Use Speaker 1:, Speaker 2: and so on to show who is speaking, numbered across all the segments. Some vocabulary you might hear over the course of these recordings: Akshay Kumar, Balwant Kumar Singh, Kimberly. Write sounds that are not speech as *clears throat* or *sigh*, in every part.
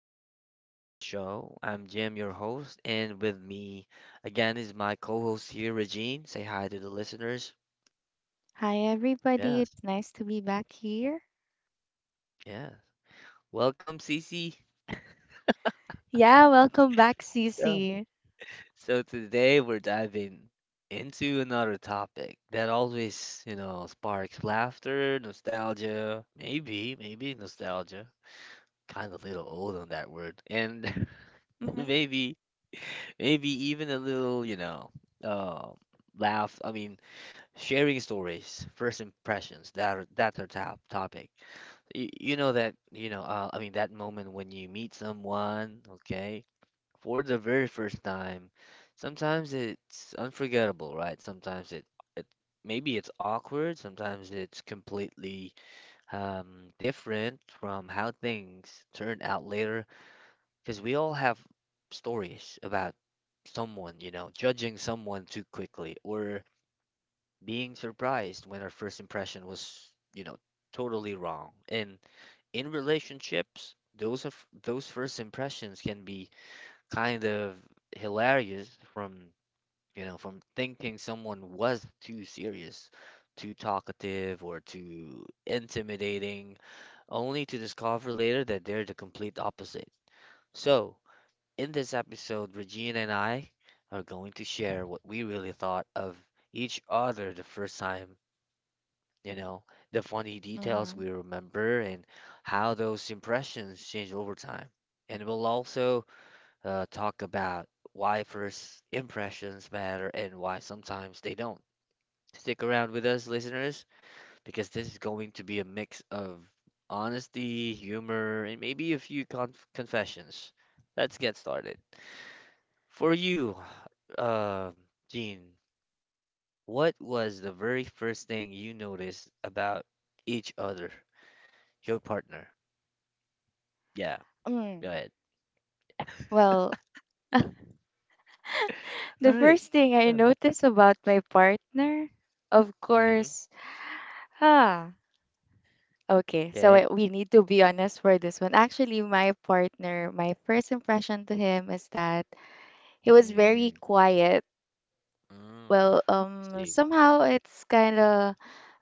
Speaker 1: back to the show. I'm Jim, your host, and with me again is my co-host here, Regine. Say hi to the listeners.
Speaker 2: Hi, everybody.
Speaker 1: Yes,
Speaker 2: It's nice to be back here.
Speaker 1: yeah. Welcome, Cece.
Speaker 2: Yeah, welcome back,
Speaker 1: So,
Speaker 2: Cece.
Speaker 1: so today we're diving into another topic that always, sparks laughter, nostalgia, maybe nostalgia. Kind of a little old on that word, and *laughs*
Speaker 2: Mm-hmm.
Speaker 1: maybe, maybe even a little, um laugh. I mean, sharing stories, first impressions that's our top topic. You know that you know I mean that moment when you meet someone, okay, for the very first time. Sometimes it's unforgettable, right? Sometimes it it maybe it's awkward. Sometimes it's completely different from how things turn out later. Because we all have stories about someone, judging someone too quickly or being surprised when our first impression was, totally wrong. And in relationships, those first impressions can be kind of hilarious from, from thinking someone was too serious, too talkative, or too intimidating, only to discover later that they're the complete opposite. So, in this episode, Regina and I are going to share what we really thought of each other the first time you know, the funny details
Speaker 2: Mm-hmm.
Speaker 1: we remember and how those impressions change over time. And we'll also talk about why first impressions matter and why sometimes they don't. Stick around with us, listeners, because this is going to be a mix of honesty, humor, and maybe a few confessions. Let's get started. For you, uh, Gene, what was the very first thing you noticed about each other? Your partner. Yeah, go
Speaker 2: Mm.
Speaker 1: ahead.
Speaker 2: Well,
Speaker 1: *laughs*
Speaker 2: the
Speaker 1: All right.
Speaker 2: first thing I
Speaker 1: Yeah.
Speaker 2: notice about my partner, of
Speaker 1: Mm-hmm.
Speaker 2: course, ah, okay.
Speaker 1: Okay.
Speaker 2: We need to be honest for this one. Actually, my partner, my first impression to him is that he was very
Speaker 1: Mm.
Speaker 2: quiet.
Speaker 1: Mm.
Speaker 2: Well,
Speaker 1: See.
Speaker 2: somehow it's kind of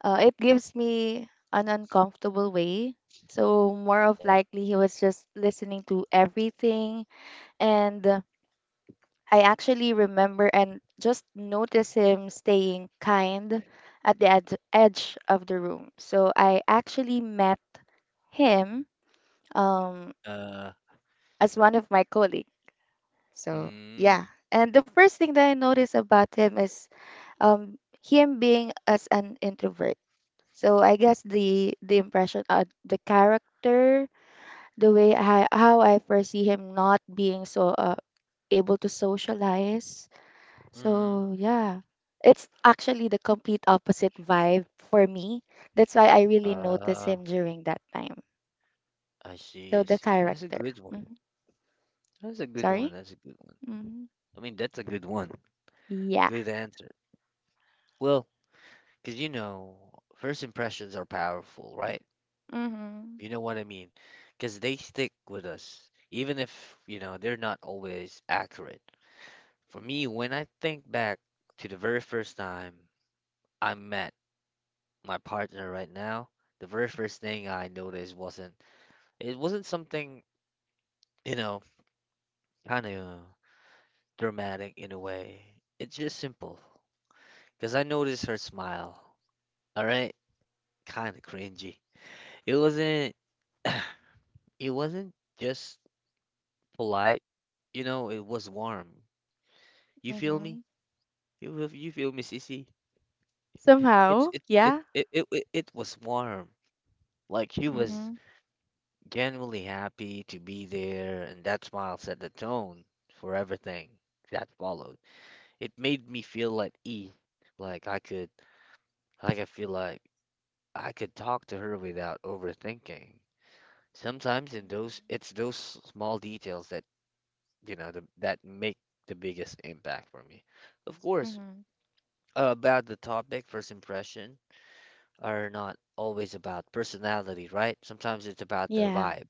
Speaker 2: it gives me an uncomfortable way. So more of
Speaker 1: Okay.
Speaker 2: likely he was just listening to everything, and I actually remember and just notice him staying kind at the edge of the room. So I actually met him um,
Speaker 1: Uh.
Speaker 2: as one of my colleagues. So yeah,
Speaker 1: Mm.
Speaker 2: and the first thing that I noticed about him is um, him being as an introvert. So I guess the impression, the character, the way I foresee him not being so able to socialize.
Speaker 1: Mm.
Speaker 2: So yeah, it's actually the complete opposite vibe for me. That's why I really notice
Speaker 1: Ah.
Speaker 2: him during that time.
Speaker 1: I see.
Speaker 2: So
Speaker 1: I
Speaker 2: the
Speaker 1: see. That's a
Speaker 2: character.
Speaker 1: good one.
Speaker 2: hmm
Speaker 1: That's a good one.
Speaker 2: Sorry.
Speaker 1: That's a good one.
Speaker 2: hmm
Speaker 1: I mean, that's a good one.
Speaker 2: Yeah.
Speaker 1: Good answer. Well, because first impressions are powerful, right?
Speaker 2: hmm
Speaker 1: You know what I mean? Because they stick with us, even if you know they're not always accurate. For me, when I think back to the very first time I met my partner right now, the very first thing I noticed wasn't it wasn't something, you know, kind of dramatic in a way. It's just simple. Because I noticed her smile. All right, kind of cringy. It wasn't *clears throat* it wasn't just polite, you know, it was warm. You feel
Speaker 2: hmm
Speaker 1: me? You feel me, Sissy?
Speaker 2: Somehow,
Speaker 1: It's it
Speaker 2: yeah.
Speaker 1: it it, it it was warm. Like she was
Speaker 2: hmm
Speaker 1: genuinely happy to be there, and that smile set the tone for everything that followed. It made me feel at ease, like I could, like I feel like I could talk to her without overthinking. Sometimes in
Speaker 2: hmm
Speaker 1: those small details that that make the biggest impact for me. Of course,
Speaker 2: hmm
Speaker 1: about the topic, first impression are not always about personality, right? Sometimes it's about the
Speaker 2: Yeah.
Speaker 1: vibe.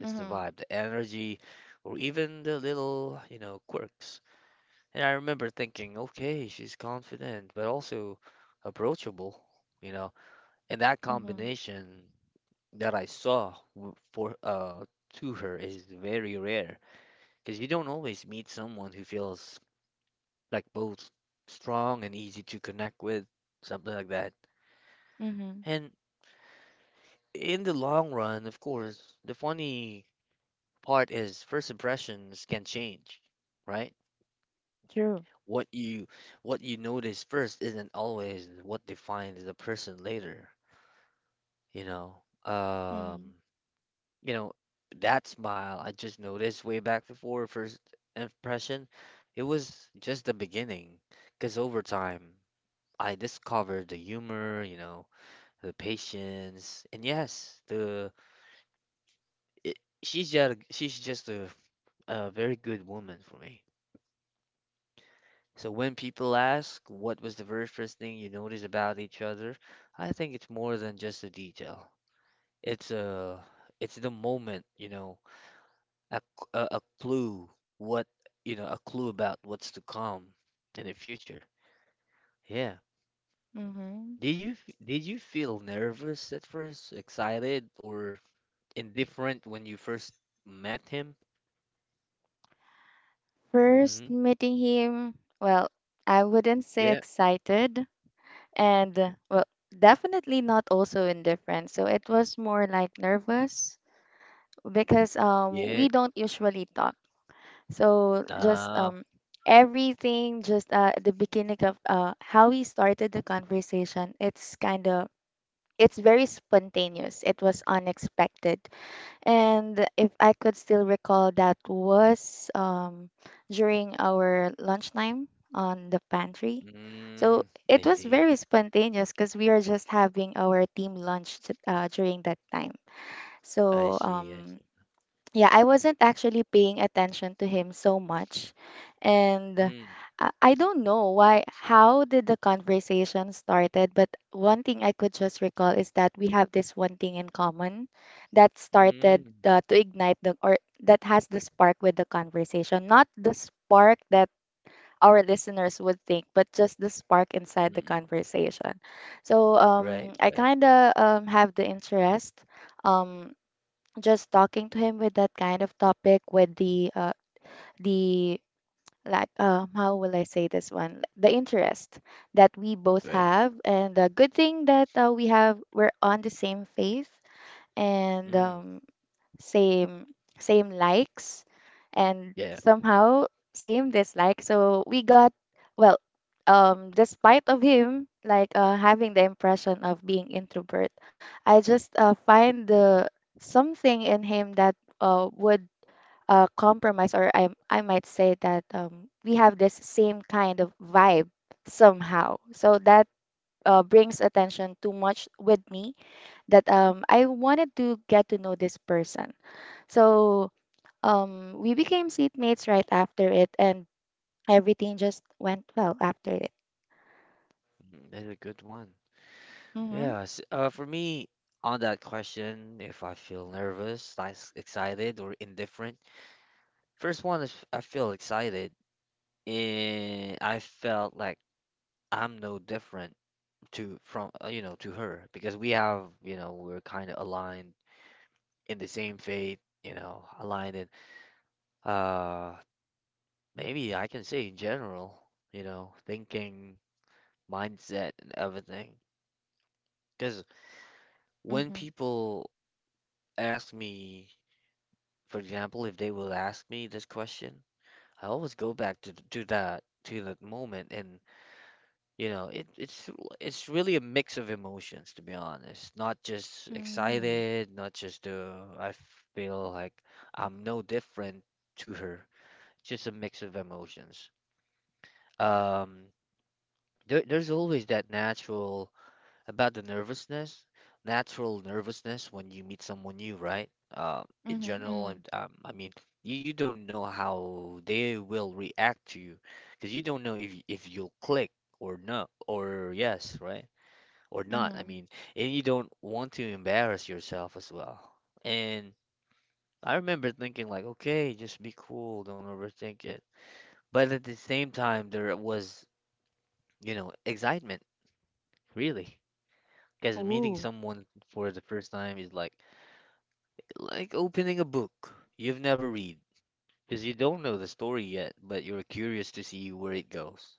Speaker 1: It's the
Speaker 2: hmm
Speaker 1: vibe, the energy, or even the little, quirks. And I remember thinking, okay, she's confident, but also approachable, you know. And that
Speaker 2: hmm
Speaker 1: combination that I saw w- for to her is very rare because you don't always meet someone who feels like both strong and easy to connect with, something like that.
Speaker 2: hmm
Speaker 1: And in the long run, of course, the funny part is first impressions can change, right?
Speaker 2: True.
Speaker 1: What you what you notice first isn't always what defines the person later, you know. Um,
Speaker 2: Mm-hmm.
Speaker 1: you know, that smile I just noticed way back before first impression, it was just the beginning. 'Cause over time, I discovered the humor, the patience, and yes, it, she's just a very good woman for me. So when people ask what was the very first thing you noticed about each other, I think it's more than just a detail. It's a it's the moment, a clue what, a clue about what's to come in the future. Yeah.
Speaker 2: Mm-hmm.
Speaker 1: Did you feel nervous at first, excited or indifferent when you first met him?
Speaker 2: First
Speaker 1: Hmm.
Speaker 2: meeting him, well, I wouldn't say
Speaker 1: Yeah.
Speaker 2: excited and well, definitely not also indifferent. So it was more like nervous because
Speaker 1: Yeah.
Speaker 2: we don't usually talk. So just
Speaker 1: Ah.
Speaker 2: everything just at the beginning of how we started the conversation, it's kind of it's very spontaneous. It was unexpected. And if I could still recall, that was during our lunchtime on the pantry. So
Speaker 1: Mm. I
Speaker 2: it was
Speaker 1: see.
Speaker 2: very spontaneous because we are just having our team lunch during that time.
Speaker 1: I
Speaker 2: So
Speaker 1: see. I see.
Speaker 2: yeah, I wasn't actually paying attention to him so much. And
Speaker 1: Mm,
Speaker 2: I don't know why, how did the conversation started, but one thing I could just recall is that we have this one thing in common that started
Speaker 1: mm.
Speaker 2: to ignite the, or that has the spark with the conversation. Not the spark that our listeners would think, but just the spark inside the
Speaker 1: Mm,
Speaker 2: conversation. So
Speaker 1: right,
Speaker 2: I
Speaker 1: right,
Speaker 2: kind of have the interest. um just talking to him with that kind of topic with the like how will I say this one, the interest that we both
Speaker 1: right.
Speaker 2: have, and the good thing that we're on the same faith, and
Speaker 1: Mm,
Speaker 2: same same likes, and
Speaker 1: yeah,
Speaker 2: somehow same dislike. So we got, well, despite of him having the impression of being introvert, I just find the something in him that would compromise, or I might say that we have this same kind of vibe somehow, so that brings attention too much with me, that I wanted to get to know this person. So we became seatmates right after it, and everything just went well after it.
Speaker 1: mm, that's a good one.
Speaker 2: Mm-hmm.
Speaker 1: Yeah, s for me, on that question, if I feel nervous, like excited, or indifferent, first one is I feel excited, and I felt like I'm no different to from you know to her because we have you know we're kind of aligned in the same fate, aligned in uh maybe I can say in general, thinking, mindset, and everything. Because when
Speaker 2: Mm-hmm.
Speaker 1: people ask me, for example, if they will ask me this question, I always go back to that moment, and you know, it's really a mix of emotions, to be honest. Not just
Speaker 2: Mm-hmm.
Speaker 1: excited, not just I feel like I'm no different to her. Just a mix of emotions. Um, there's always that natural about the nervousness, natural nervousness when you meet someone new, right? In general,
Speaker 2: Mm-hmm.
Speaker 1: and I mean, you don't know how they will react to you because you don't know if you'll click or not, or yes, right? Or not. I
Speaker 2: Mm-hmm.
Speaker 1: mean, and you don't want to embarrass yourself as well. And I remember thinking like, okay, just be cool, don't overthink it. But at the same time, there was, excitement, really. Because meeting
Speaker 2: Ooh.
Speaker 1: someone for the first time is like opening a book you've never read because you don't know the story yet, but you're curious to see where it goes.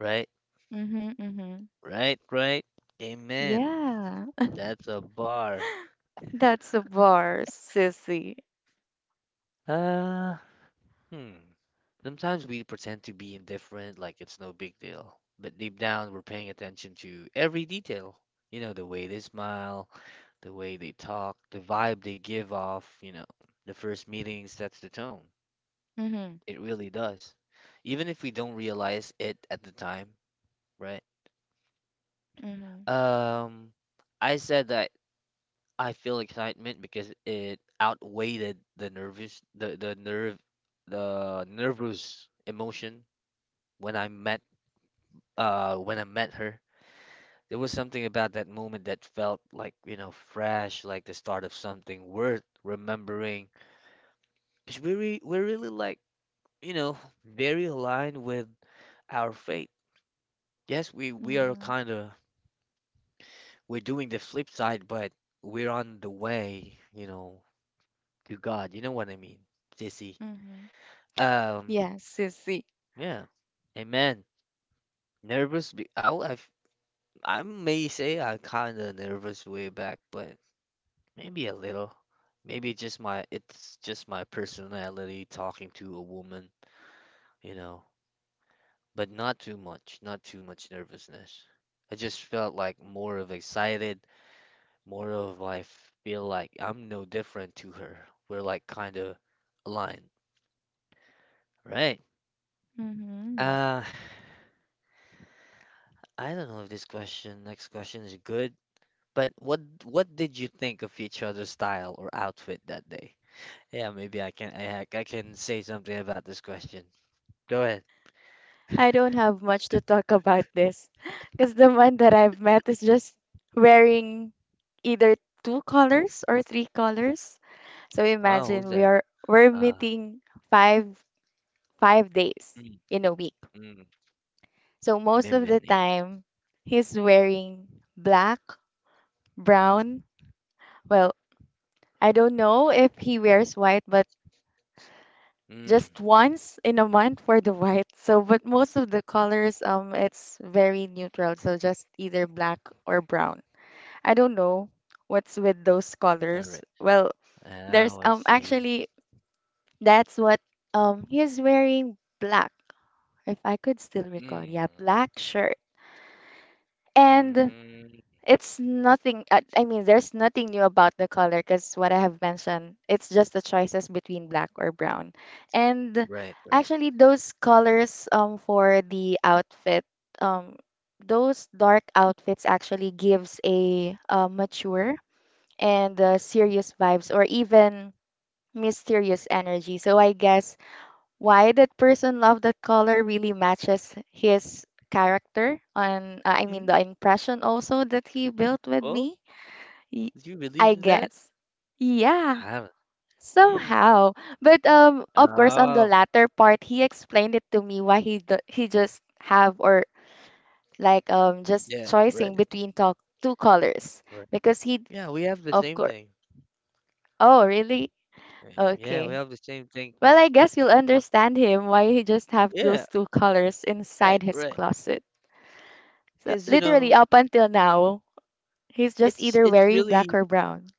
Speaker 1: Right?
Speaker 2: Mm-hmm. Mm-hmm.
Speaker 1: Right? Right? Amen.
Speaker 2: Yeah.
Speaker 1: That's a bar.
Speaker 2: That's a bar, sissy.
Speaker 1: Uh, hmm. Sometimes we pretend to be indifferent, like it's no big deal. But deep down, we're paying attention to every detail. You know, the way they smile, the way they talk, the vibe they give off, you know, the first meeting sets the tone.
Speaker 2: Mm-hmm.
Speaker 1: It really does. Even if we don't realize it at the time, right.
Speaker 2: Mm-hmm.
Speaker 1: Um, I said that I feel excitement because it outweighed the nervous, the nerve, the nervous emotion when I met when I met her. There was something about that moment that felt like, you know, fresh, like the start of something worth remembering. Because we're really like, you know, very aligned with our fate. Yes, we are
Speaker 2: Mm-hmm.
Speaker 1: kind of we're doing the flip side, but we're on the way, you know, to God. You know what I mean, Sissy.
Speaker 2: Mm-hmm.
Speaker 1: Um,
Speaker 2: Yes. Sissy.
Speaker 1: yeah, amen. Nervous? I may say I kind of nervous way back, but maybe a little. Maybe just it's just my personality talking to a woman, you know. But not too much, not too much nervousness. I just felt like more of excited, more of I feel like I'm no different to her. We're like kind of aligned, right?
Speaker 2: Mm-hmm.
Speaker 1: Uh, I don't know if this question, next question is good, but what did you think of each other's style or outfit that day? Yeah, maybe I can say something about this question. Go ahead.
Speaker 2: I don't have much to talk about this, because the one that I've met is just wearing either two colors or three colors. So
Speaker 1: Oh, who's
Speaker 2: imagine we
Speaker 1: that?
Speaker 2: are we're
Speaker 1: Uh,
Speaker 2: meeting five five days
Speaker 1: mm,
Speaker 2: in a week.
Speaker 1: mm,
Speaker 2: So most
Speaker 1: mm,
Speaker 2: of the
Speaker 1: mm, mm.
Speaker 2: time he's wearing black, brown. Well, I don't know if he wears white, but
Speaker 1: Mm.
Speaker 2: just once in a month for the white. So, but most of the colors, it's very neutral. So just either black or brown. I don't know what's with those
Speaker 1: All right.
Speaker 2: colors. Well,
Speaker 1: Oh,
Speaker 2: there's
Speaker 1: I see.
Speaker 2: actually that's what he's wearing black, if I could still recall.
Speaker 1: Mm,
Speaker 2: Yeah, black shirt. And
Speaker 1: mm, mm.
Speaker 2: it's nothing. I mean, there's nothing new about the color, because what I have mentioned, it's just the choices between black or brown. And
Speaker 1: Right, right.
Speaker 2: actually, those colors for the outfit, um, those dark outfits actually gives a, mature and serious vibes or even mysterious energy. So I guess why that person loved that color really matches his character, and I mean
Speaker 1: Mm,
Speaker 2: the impression also that he built with
Speaker 1: well,
Speaker 2: me. Y-
Speaker 1: do you believe
Speaker 2: I
Speaker 1: in that?
Speaker 2: guess.
Speaker 1: I
Speaker 2: Yeah,
Speaker 1: haven't. Mm.
Speaker 2: somehow. But of course, on the
Speaker 1: Oh,
Speaker 2: latter part, he explained it to me why he do- he just have or just
Speaker 1: yeah,
Speaker 2: choosing
Speaker 1: right,
Speaker 2: between talk two colors,
Speaker 1: right.
Speaker 2: because he,
Speaker 1: Yeah, we have the
Speaker 2: of
Speaker 1: same
Speaker 2: course.
Speaker 1: thing.
Speaker 2: Oh, really?
Speaker 1: Right. Yeah, we
Speaker 2: Okay.
Speaker 1: have the same
Speaker 2: Well,
Speaker 1: thinking.
Speaker 2: I guess you'll understand him why he just have
Speaker 1: Yeah,
Speaker 2: those two colors
Speaker 1: right,
Speaker 2: inside his
Speaker 1: right.
Speaker 2: closet. So
Speaker 1: Because you
Speaker 2: literally
Speaker 1: know,
Speaker 2: up until now, he's just either
Speaker 1: it's
Speaker 2: wearing black
Speaker 1: really.
Speaker 2: or brown.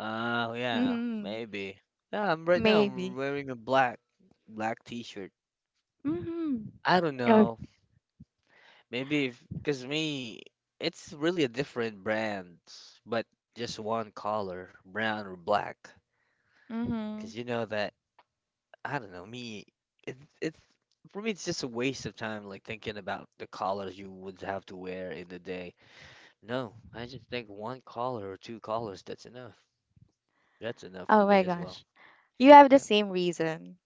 Speaker 1: Oh yeah,
Speaker 2: Mm-hmm.
Speaker 1: maybe. Yeah, I'm right now. I'm
Speaker 2: Maybe.
Speaker 1: wearing a black T-shirt.
Speaker 2: Mm-hmm.
Speaker 1: I don't know. Maybe if because me, it's really a different brand, but just one color, brown or black.
Speaker 2: Mm-hmm.
Speaker 1: Because you know that I don't know me. It it's for me. It's just a waste of time, like thinking about the colors you would have to wear in the day. No, I just think one caller or two callers, that's enough. That's enough for
Speaker 2: Oh my
Speaker 1: me as well.
Speaker 2: gosh. You have the
Speaker 1: Yeah.
Speaker 2: same reason.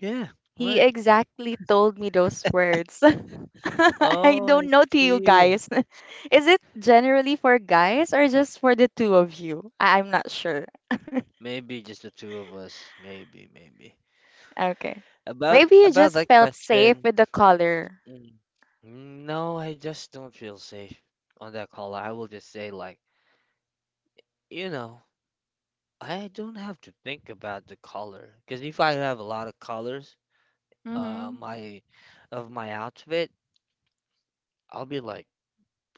Speaker 1: Yeah,
Speaker 2: He
Speaker 1: right.
Speaker 2: exactly told me those words. *laughs* I
Speaker 1: Oh, I
Speaker 2: don't know to you
Speaker 1: see.
Speaker 2: guys. *laughs* Is it generally for guys or just for the two of you? I'm not sure.
Speaker 1: Maybe just the two of us. Maybe, maybe.
Speaker 2: Okay. Maybe you
Speaker 1: About
Speaker 2: just
Speaker 1: that
Speaker 2: felt safe
Speaker 1: question.
Speaker 2: with the color.
Speaker 1: Mm. No, I just don't feel safe on that caller. I will just say like, you know, I don't have to think about the color because if I have a lot of colors,
Speaker 2: Mm-hmm.
Speaker 1: my of my outfit, I'll be like,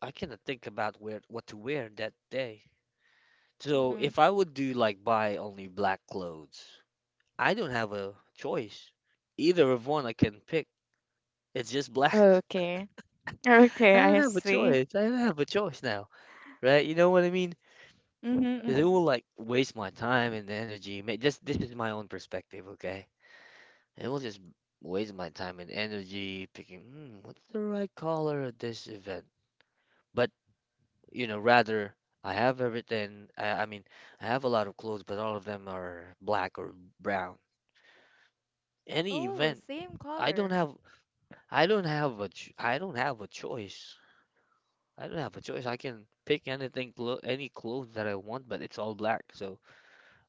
Speaker 1: I cannot think about where what to wear that day. So
Speaker 2: Mm-hmm.
Speaker 1: if I would do like buy only black clothes, I don't have a choice. Either of one I can pick. It's just black.
Speaker 2: Okay.
Speaker 1: *laughs* I
Speaker 2: Okay,
Speaker 1: don't
Speaker 2: I
Speaker 1: have a
Speaker 2: see.
Speaker 1: choice. I don't have a choice now, right? You know what I mean?
Speaker 2: Mm-hmm,
Speaker 1: Because it
Speaker 2: mm-hmm.
Speaker 1: will like waste my time and energy. Just this is my own perspective, okay? It will just waste my time and energy picking. Hmm, what's the right color at this event? But you know, rather I have everything. I mean, I have a lot of clothes, but all of them are black or brown. Any
Speaker 2: Oh,
Speaker 1: event,
Speaker 2: same
Speaker 1: I don't
Speaker 2: color.
Speaker 1: have, I don't have a choice. I don't have a choice. I can pick anything, any clothes that I want, but it's all black. So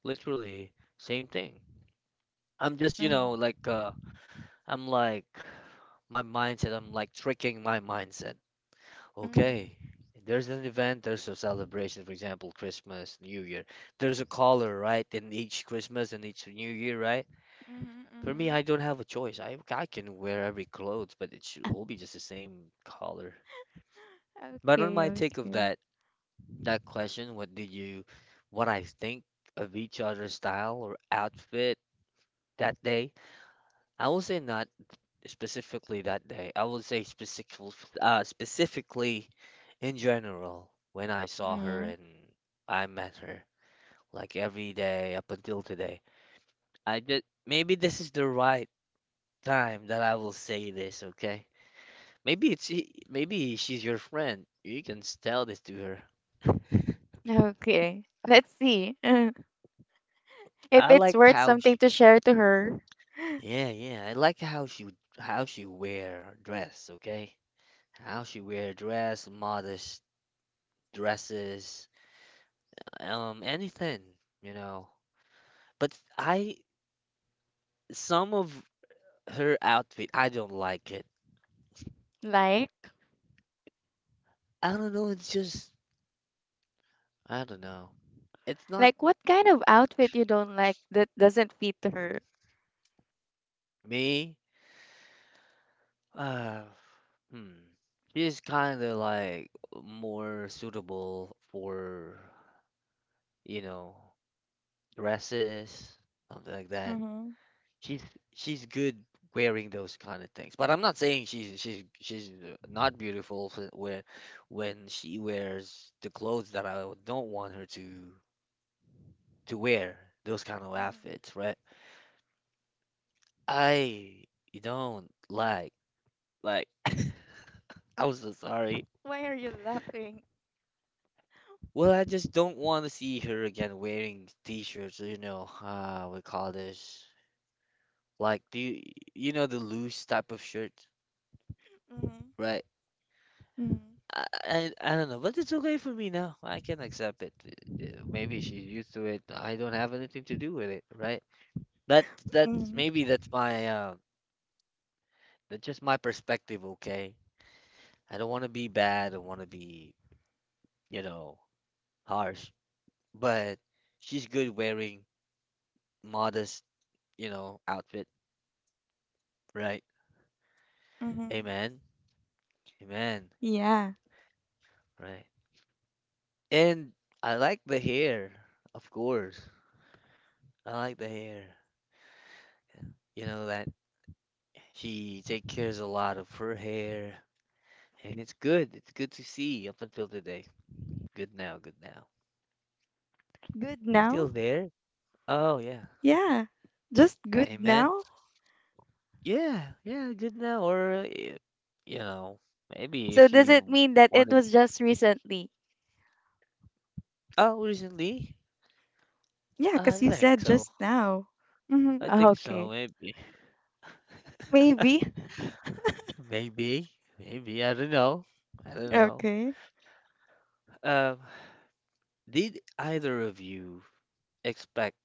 Speaker 1: literally, same thing. I'm just, you know,
Speaker 2: Mm-hmm.
Speaker 1: like, I'm like, my mindset. I'm like tricking my mindset.
Speaker 2: Mm-hmm.
Speaker 1: Okay. There's an event, there's a celebration, for example, Christmas, New Year. There's a color, right, in each Christmas and each New Year, right?
Speaker 2: Mm-hmm.
Speaker 1: For me,
Speaker 2: Mm-hmm.
Speaker 1: I don't have a choice. I can wear every clothes, but it should, will be just the same color. But on
Speaker 2: Okay,
Speaker 1: my take of
Speaker 2: okay.
Speaker 1: that question, what I think of each other's style or outfit that day, I will say not. Specifically that day. I would say specifically in general when I saw her
Speaker 2: Mm-hmm.
Speaker 1: and I met her, like every day up until today. I just maybe this is the right time that I will say this, okay? Maybe maybe she's your friend. You can tell this to her.
Speaker 2: Okay. Let's see *laughs* if
Speaker 1: I
Speaker 2: it's
Speaker 1: like
Speaker 2: worth
Speaker 1: how
Speaker 2: something
Speaker 1: she,
Speaker 2: to share to her.
Speaker 1: Yeah, yeah. I like how she wear dress, okay? How she wear dress, modest dresses. Anything, you know. But I Some of her outfit, I don't like it.
Speaker 2: Like,
Speaker 1: I don't know, it's just I don't know. It's not
Speaker 2: like what kind of outfit you don't like that doesn't fit to her?
Speaker 1: me. Uh, hmm. She's kind of like more suitable for, you know, dresses, something like that.
Speaker 2: Mm-hmm.
Speaker 1: She's she's good wearing those kind of things. But I'm not saying she's not beautiful for where when she wears the clothes that I don't want her to wear, those kind of
Speaker 2: Mhm.
Speaker 1: outfits, right? I don't like *laughs* I'm so sorry.
Speaker 2: Why are you laughing?
Speaker 1: Well, I just don't want to see her again wearing t-shirts, you know, we call this like you know the loose type of shirt,
Speaker 2: Mm-hmm.
Speaker 1: right?
Speaker 2: Mm-hmm.
Speaker 1: I don't know, but it's okay for me now. I can accept it. Maybe she's used to it. I don't have anything to do with it, right? That that's
Speaker 2: Mm-hmm.
Speaker 1: maybe that's my um that's just my perspective, okay? I don't want to be bad. I want to be, you know, harsh. But she's good wearing modest, you know, outfit, right?
Speaker 2: Mm-hmm.
Speaker 1: Amen. Amen.
Speaker 2: Yeah.
Speaker 1: Right. And I like the hair, of course. I like the hair. You know that she take cares a lot of her hair, and it's good. It's good to see up until today. Good now, good now.
Speaker 2: Good
Speaker 1: You still
Speaker 2: now?
Speaker 1: there? Oh yeah.
Speaker 2: Yeah. Just good
Speaker 1: Amen.
Speaker 2: now?
Speaker 1: Yeah, yeah, good now. Or you know, maybe
Speaker 2: So
Speaker 1: if
Speaker 2: does it
Speaker 1: you
Speaker 2: mean that it
Speaker 1: wanted.
Speaker 2: was just recently?
Speaker 1: Oh, recently?
Speaker 2: Yeah, cause
Speaker 1: I
Speaker 2: you
Speaker 1: think
Speaker 2: said
Speaker 1: so.
Speaker 2: just now. Mm-hmm.
Speaker 1: I think so.
Speaker 2: Okay.
Speaker 1: Maybe,
Speaker 2: Maybe. *laughs*
Speaker 1: *laughs* maybe, maybe. I don't know. I don't know.
Speaker 2: Okay.
Speaker 1: Um, did either of you expect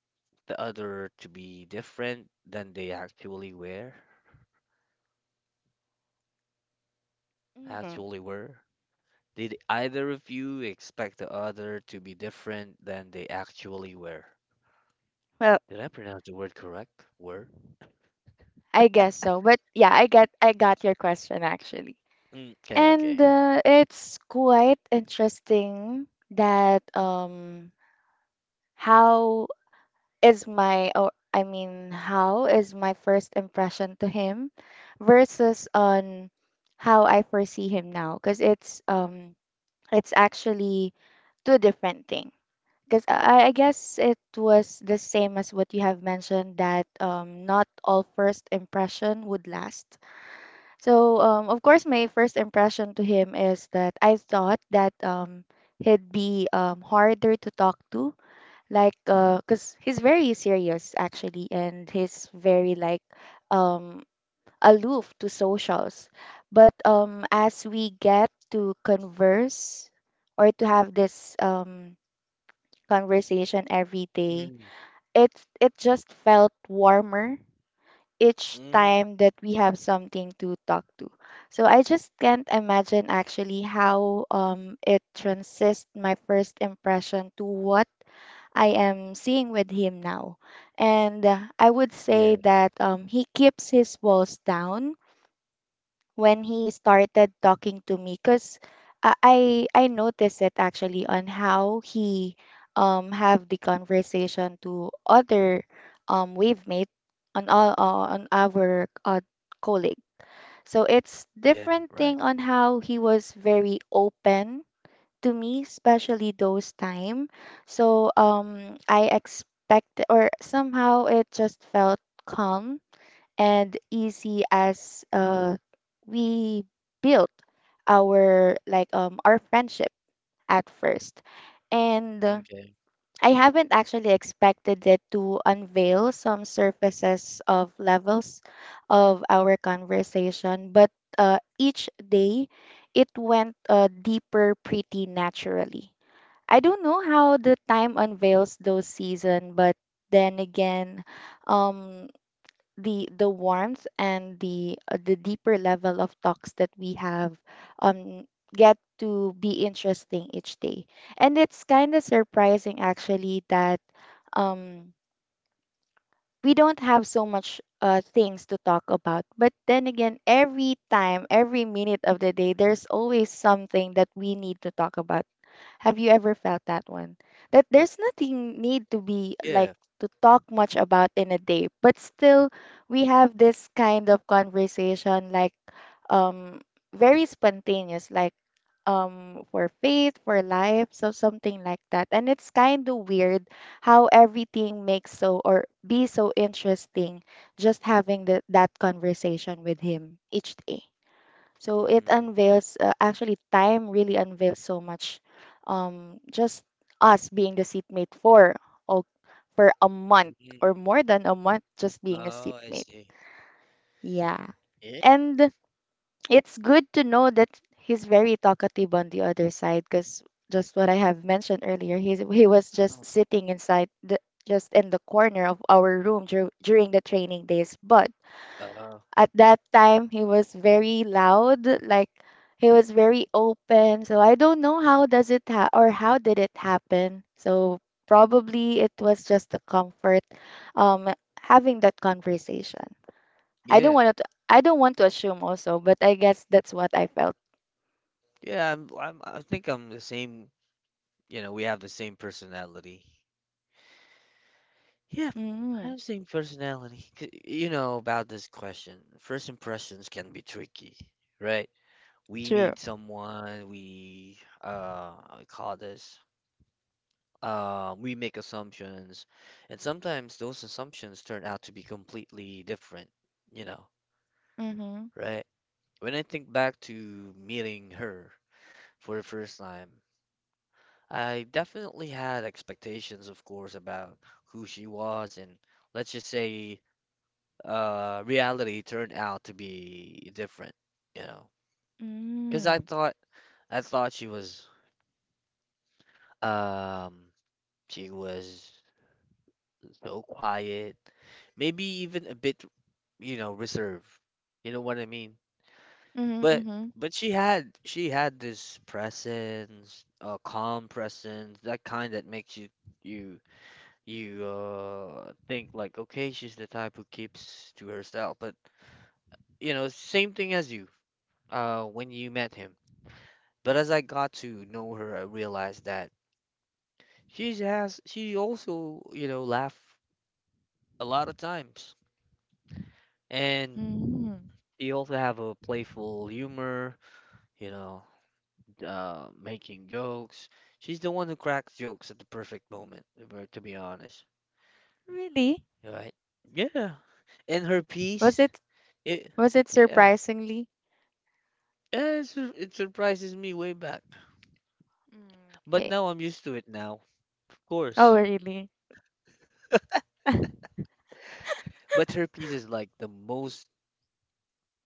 Speaker 1: the other to be different than they actually were?
Speaker 2: Mm.
Speaker 1: actually were? Did either of you expect the other to be different than they actually were?
Speaker 2: Well,
Speaker 1: Did I pronounce the word correct? Were?
Speaker 2: I guess so. But yeah, I got your question actually.
Speaker 1: Mm, okay, okay.
Speaker 2: And it's quite interesting that how is my or I mean, how is my first impression to him versus on how I foresee him now, because it's actually two different thing, because I guess it was the same as what you have mentioned, that not all first impression would last. So, of course, my first impression to him is that I thought that he'd be harder to talk to, like, because he's very serious actually, and he's very like um, aloof to socials. But as we get to converse or to have this conversation every day,
Speaker 1: Mm,
Speaker 2: it it just felt warmer each
Speaker 1: mm,
Speaker 2: time that we have something to talk to. So I just can't imagine actually how it transits my first impression to what I am seeing with him now. And I would
Speaker 1: yeah,
Speaker 2: say that he keeps his walls down when he started talking to me, because I noticed it actually on how he have the conversation to other wave mate on all on our colleague. So it's
Speaker 1: yeah,
Speaker 2: different
Speaker 1: right.
Speaker 2: thing on how he was very open to me, especially those time. So I expect, or somehow it just felt calm and easy as we built our our friendship at first, and
Speaker 1: Okay,
Speaker 2: I haven't actually expected it to unveil some surfaces of levels of our conversation, but each day it went deeper pretty naturally. I don't know how the time unveils those season, but then again, um the warmth and the deeper level of talks that we have um get to be interesting each day. And it's kind of surprising actually that um we don't have so much things to talk about, but then again, every time, every minute of the day, there's always something that we need to talk about. Have you ever felt that one? That there's nothing need to be like
Speaker 1: yeah.
Speaker 2: to talk much about in a day, but still we have this kind of conversation, like um very spontaneous, like for faith, for life, so something like that. And it's kind of weird how everything makes so or be so interesting just having the, that conversation with him each day. So it
Speaker 1: Mm,
Speaker 2: unveils, actually, time really unveils so much. Just us being the seatmate for, oh, for a month
Speaker 1: mm,
Speaker 2: or more than a month, just being a
Speaker 1: oh, I
Speaker 2: seatmate.
Speaker 1: see.
Speaker 2: Yeah,
Speaker 1: Yeah.
Speaker 2: and it's good to know that he's very talkative on the other side, because just what I have mentioned earlier, he was just
Speaker 1: Oh,
Speaker 2: sitting inside the, just in the corner of our room during the training days, but
Speaker 1: Uh,
Speaker 2: at that time, he was very loud, like he was very open. So I don't know how does it ha- or how did it happen. So
Speaker 1: mm.
Speaker 2: probably it was just the comfort um having that conversation.
Speaker 1: Yeah,
Speaker 2: I don't want to assume also, but I guess that's what I felt.
Speaker 1: yeah. I think I'm the same. You know, we have the same personality. Yeah,
Speaker 2: Mm,
Speaker 1: I'm saying personality. 'Cause you know about this question. First impressions can be tricky, right? We
Speaker 2: true.
Speaker 1: meet someone, we I call this we make assumptions, and sometimes those assumptions turn out to be completely different, you know,
Speaker 2: Mm-hmm.
Speaker 1: right? When I think back to meeting her for the first time, I definitely had expectations, of course, about who she was and let's just say reality turned out to be different, you know. Because I
Speaker 2: Mm.
Speaker 1: thought I thought um she was so quiet, maybe even a bit, you know, reserved. You know what I mean?
Speaker 2: Mm-hmm.
Speaker 1: But
Speaker 2: Mm-hmm.
Speaker 1: but she had this presence, a calm presence, that kind that makes you you think like okay she's the type who keeps to herself but you know same thing as you when you met him. But as I got to know her, I realized that she also, you know, laugh a lot of times. And
Speaker 2: Mm.
Speaker 1: she also have a playful humor, you know, making jokes. She's the one who cracks jokes at the perfect moment, if to be honest,
Speaker 2: Really?
Speaker 1: right? Yeah. And her
Speaker 2: Was
Speaker 1: piece,
Speaker 2: it
Speaker 1: it,
Speaker 2: was it
Speaker 1: yeah.
Speaker 2: surprisingly?
Speaker 1: Yeah, it surprises me way back.
Speaker 2: Mm,
Speaker 1: But
Speaker 2: okay.
Speaker 1: now I'm used to it now, of
Speaker 2: Oh,
Speaker 1: course.
Speaker 2: really? *laughs*
Speaker 1: But her piece is like the most,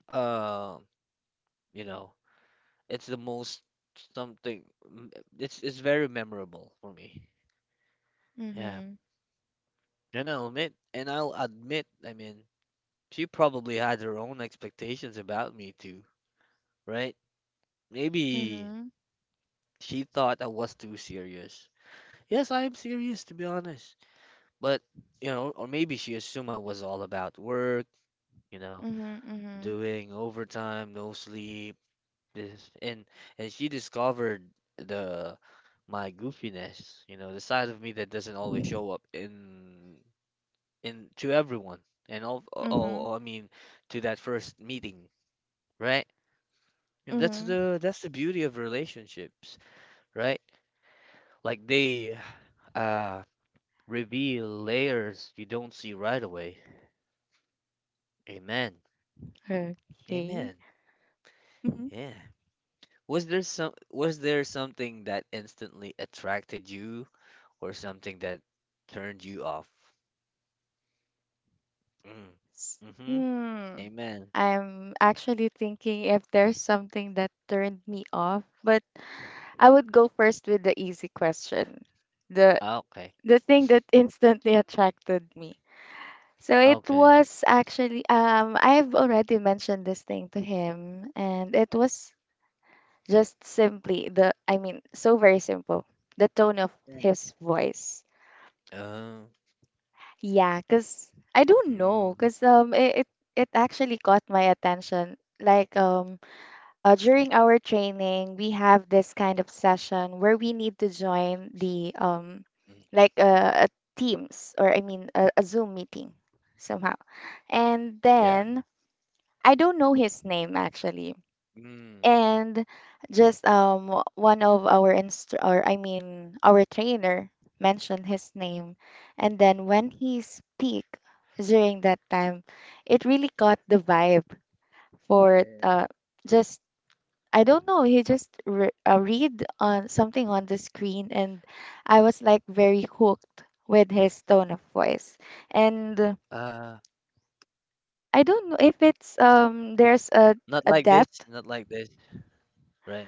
Speaker 1: uh, you know, it's the most something. It's very memorable for me. Yeah,
Speaker 2: Mm-hmm.
Speaker 1: and I'll admit, I mean, she probably had her own expectations about me too, right? Maybe
Speaker 2: Mhm.
Speaker 1: she thought I was too serious. Yes, I am serious to be honest, but you know, or maybe she assumed I was all about work, you know,
Speaker 2: Mhm. Mhm.
Speaker 1: doing overtime, no sleep, this and she discovered the my goofiness, you know, the side of me that doesn't always show up in to everyone and all,
Speaker 2: Mhm.
Speaker 1: all I mean to that first meeting, right? And that's
Speaker 2: Mhm.
Speaker 1: the that's the beauty of relationships, right? Like they uh reveal layers you don't see right away. Amen.
Speaker 2: Okay.
Speaker 1: Amen.
Speaker 2: Mhm.
Speaker 1: Yeah. Was there something that instantly attracted you or something that turned you off? Mm.
Speaker 2: S-
Speaker 1: Mm-hmm.
Speaker 2: Mm.
Speaker 1: Amen.
Speaker 2: I'm actually thinking if there's something that turned me off, but I would go first with the easy question. The
Speaker 1: Ah, okay.
Speaker 2: the thing that instantly attracted me. So it
Speaker 1: Okay.
Speaker 2: was actually I've already mentioned this thing to him, and it was just simply the, I mean, so very simple. The tone of
Speaker 1: Mm,
Speaker 2: his voice.
Speaker 1: Uh,
Speaker 2: Yeah, cause I don't know,
Speaker 1: mm,
Speaker 2: cause it actually caught my attention. Like during our training, we have this kind of session where we need to join the
Speaker 1: mm,
Speaker 2: like a Teams, or I mean a Zoom meeting somehow. And
Speaker 1: yeah.
Speaker 2: then I don't know his name actually,
Speaker 1: Mm.
Speaker 2: and just one of our or I mean our trainer mentioned his name, and then when he speak during that time, it really caught the vibe for
Speaker 1: Mm,
Speaker 2: just I don't know, he just read on something on the screen, and I was like very hooked with his tone of voice. And
Speaker 1: Uh,
Speaker 2: I don't know if it's
Speaker 1: I see.
Speaker 2: there's
Speaker 1: Not
Speaker 2: a
Speaker 1: like this,
Speaker 2: depth,
Speaker 1: not like this, right?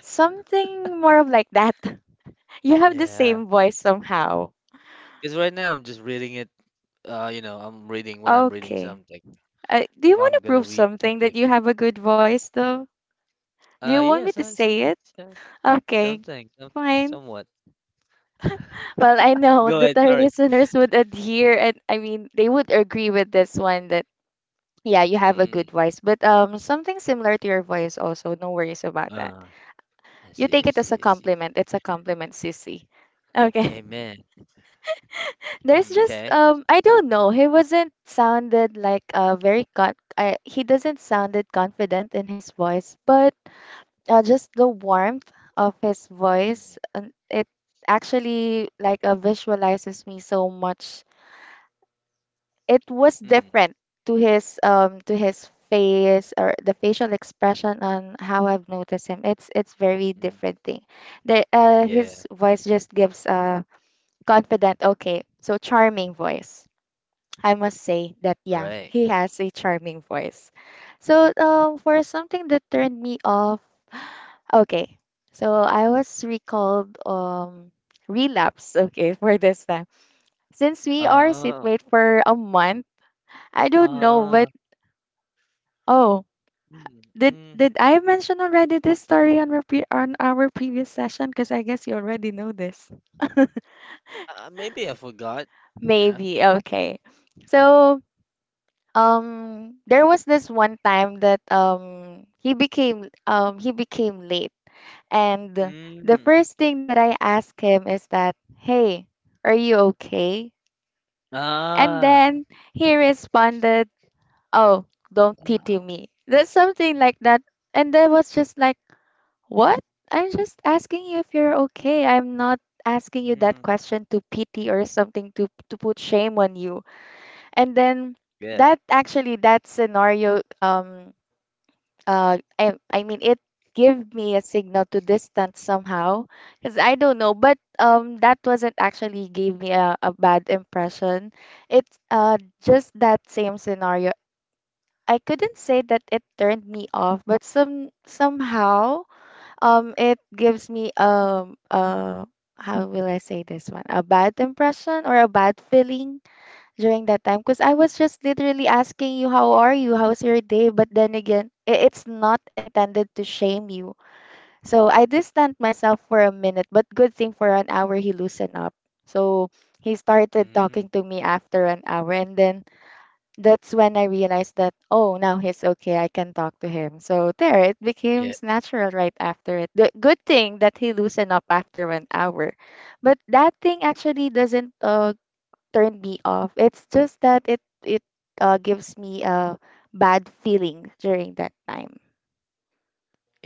Speaker 2: something more of like that. You have the
Speaker 1: Yeah.
Speaker 2: same voice somehow.
Speaker 1: Because right now I'm just reading it. You know, I'm reading when I'm reading
Speaker 2: Okay.
Speaker 1: something.
Speaker 2: Do you
Speaker 1: If
Speaker 2: want
Speaker 1: I'm
Speaker 2: to
Speaker 1: gonna
Speaker 2: prove
Speaker 1: read
Speaker 2: something that
Speaker 1: something.
Speaker 2: you have a good voice, though? Do you want me
Speaker 1: Yeah,
Speaker 2: to say it? Okay.
Speaker 1: something,
Speaker 2: Fine.
Speaker 1: somewhat. *laughs*
Speaker 2: Well, I know
Speaker 1: Go
Speaker 2: that
Speaker 1: ahead,
Speaker 2: our *laughs*
Speaker 1: sorry.
Speaker 2: listeners would adhere, and I mean, they would agree with this one that, yeah, you have a
Speaker 1: Mm.
Speaker 2: good voice. But something similar to your voice also. No worries about that.
Speaker 1: Uh, I
Speaker 2: You
Speaker 1: see,
Speaker 2: take
Speaker 1: I
Speaker 2: it as a
Speaker 1: see, I see.
Speaker 2: compliment. It's a compliment, sissy. Okay.
Speaker 1: Amen.
Speaker 2: There's
Speaker 1: Mm,
Speaker 2: just
Speaker 1: okay.
Speaker 2: I don't know. He wasn't sounded like very he doesn't sounded confident in his voice, but just the warmth of his voice,
Speaker 1: Mm,
Speaker 2: and it actually like visualizes me so much. It was
Speaker 1: mm,
Speaker 2: different to his face or the facial expression on how I've noticed him. It's very
Speaker 1: mm.
Speaker 2: different thing. The
Speaker 1: Yeah,
Speaker 2: his voice just gives a confident, okay, so charming voice. I must say that, yeah,
Speaker 1: right.
Speaker 2: he has a charming voice. So for something that turned me off, okay. So I was recalled relapse, okay, for this time. Since we are
Speaker 1: Oh,
Speaker 2: situate for a month, I don't know,
Speaker 1: uh,
Speaker 2: but oh,
Speaker 1: mm,
Speaker 2: did
Speaker 1: mm.
Speaker 2: did I mention already this story on our on our previous session? Because I guess you already know this. *laughs*
Speaker 1: Maybe I forgot. Yeah.
Speaker 2: Maybe, okay. So there was this one time that he became late, and the
Speaker 1: Mm.
Speaker 2: first thing that I asked him is that, "Hey, are you okay?" And
Speaker 1: Ah.
Speaker 2: then he responded, "Oh, don't pity
Speaker 1: Ah,
Speaker 2: me." That's something like that, and I was just like, "What? I'm just asking you if you're okay. I'm not asking you that
Speaker 1: mm.
Speaker 2: question to pity or something to put shame on you." And then
Speaker 1: Yeah.
Speaker 2: that actually that scenario I mean it gave me a signal to distance somehow, because I don't know, but that wasn't actually gave me a bad impression. It's just that same scenario. I couldn't say that it turned me off, but somehow it gives me how will I say this one, a bad impression or a bad feeling during that time, because I was just literally asking you, how are you? How's your day? But then again, it's not intended to shame you. So I distanced myself for a minute, but good thing, for an hour he loosened up. So he started
Speaker 1: Mm.
Speaker 2: talking to me after an hour, and then that's when I realized that, oh, now he's okay. I can talk to him. So there, it
Speaker 1: Yeah.
Speaker 2: becomes natural right after it. The good thing that he loosened up after an hour. But that thing actually doesn't turn me off. It's just that it gives me a bad feeling during that time.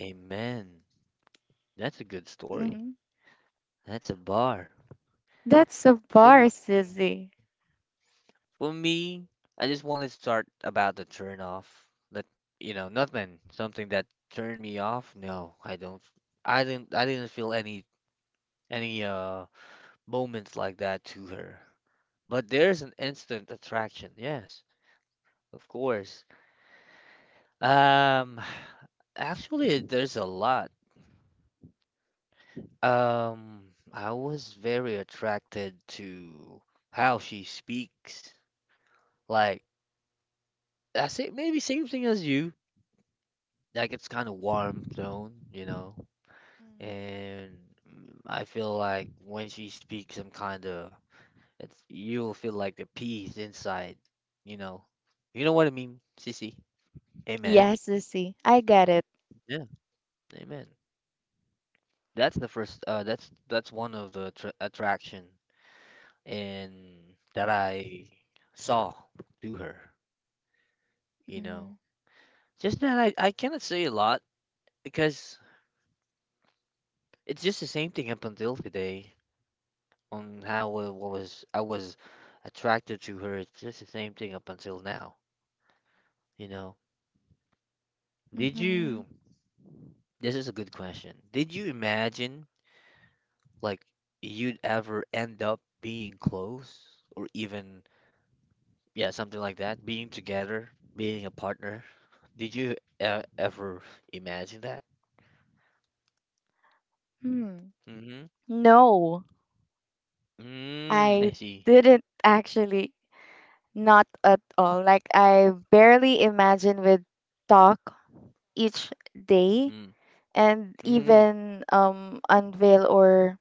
Speaker 1: Amen. That's a good story.
Speaker 2: Hmm.
Speaker 1: That's a bar.
Speaker 2: That's a
Speaker 1: For
Speaker 2: bar,
Speaker 1: m- mm,
Speaker 2: Susie.
Speaker 1: for me, I just want to start about the turn off. That you know, nothing. Something that turned me off. No, I don't. I didn't feel any moments like that to her. But there's an instant attraction, yes, of course. Um, *sighs* actually, there's a lot. Um, I was very attracted to how she speaks. Like, I say maybe same thing as you. Like, it's kind of warm tone, you know, and I feel like when she speaks, I'm kind of it's you'll feel like the peace inside, you know. You know what I mean, Sissy? Amen.
Speaker 2: Yes, Sissy, I get it.
Speaker 1: Yeah, amen. That's the first. That's one of the attraction and that I saw to her. You
Speaker 2: Mm-hmm.
Speaker 1: know, just that I cannot say a lot because it's just the same thing up until today on how I was attracted to her. It's just the same thing up until now. You know, did you?
Speaker 2: Mm-hmm.
Speaker 1: This is a good question. Did you imagine like you'd ever end up being close or even? Yeah, something like that. Being together, being a partner. Did you ever imagine that?
Speaker 2: Hmm.
Speaker 1: Mm-hmm.
Speaker 2: No,
Speaker 1: Mm. I
Speaker 2: I
Speaker 1: see.
Speaker 2: didn't actually, not at all. Like, I barely imagine with talk each day,
Speaker 1: Mm.
Speaker 2: and
Speaker 1: Mm.
Speaker 2: even unveil or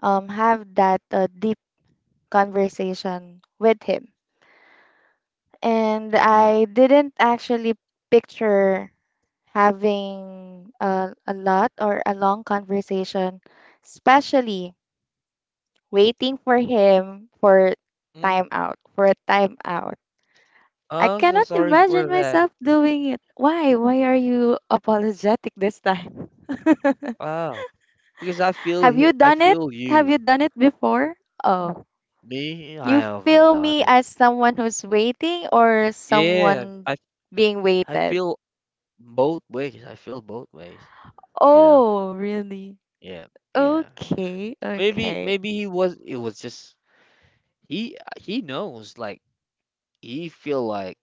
Speaker 2: have that conversation with him. And
Speaker 1: Amen.
Speaker 2: I didn't actually picture having a lot or a long conversation, especially waiting for him for
Speaker 1: Mm.
Speaker 2: time out, for a time out. I
Speaker 1: Oh, I'm so
Speaker 2: cannot
Speaker 1: sorry for
Speaker 2: imagine
Speaker 1: that.
Speaker 2: myself doing it. Why? Why are you *laughs* apologetic this time? *laughs*
Speaker 1: Wow. Because I feel
Speaker 2: Have
Speaker 1: him.
Speaker 2: you
Speaker 1: I
Speaker 2: done it?
Speaker 1: feel
Speaker 2: Have
Speaker 1: you.
Speaker 2: you done it before? Oh,
Speaker 1: Me, I
Speaker 2: you
Speaker 1: haven't
Speaker 2: feel
Speaker 1: done
Speaker 2: me
Speaker 1: it.
Speaker 2: as someone who's waiting or
Speaker 1: Yeah.
Speaker 2: someone
Speaker 1: I
Speaker 2: being
Speaker 1: I
Speaker 2: waited?
Speaker 1: feel both ways. I feel both ways. You know.
Speaker 2: Oh, really?
Speaker 1: Yeah. Yeah.
Speaker 2: Okay,
Speaker 1: maybe
Speaker 2: okay.
Speaker 1: maybe he was it was just he knows like he feel like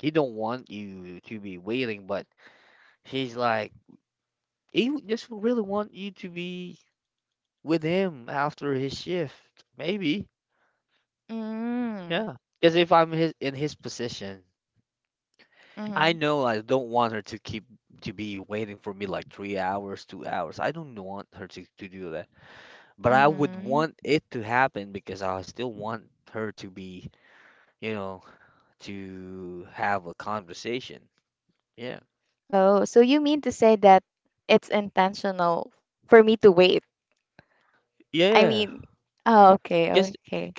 Speaker 1: he don't want you to be waiting, but he's like just really want you to be with him after his shift. Maybe,
Speaker 2: Mm,
Speaker 1: yeah. Because if I'm his in his position, I
Speaker 2: mm-hmm,
Speaker 1: know I don't want her to keep to be waiting for me like 3 hours, 2 hours. I don't want her to do that. But I would
Speaker 2: mm-hmm.
Speaker 1: want it to happen because I still want her to be, you know, to have a conversation. Yeah.
Speaker 2: Oh, so you mean to say that it's intentional for me to wait? I
Speaker 1: Yeah.
Speaker 2: mean, oh,
Speaker 1: cause.
Speaker 2: okay, okay.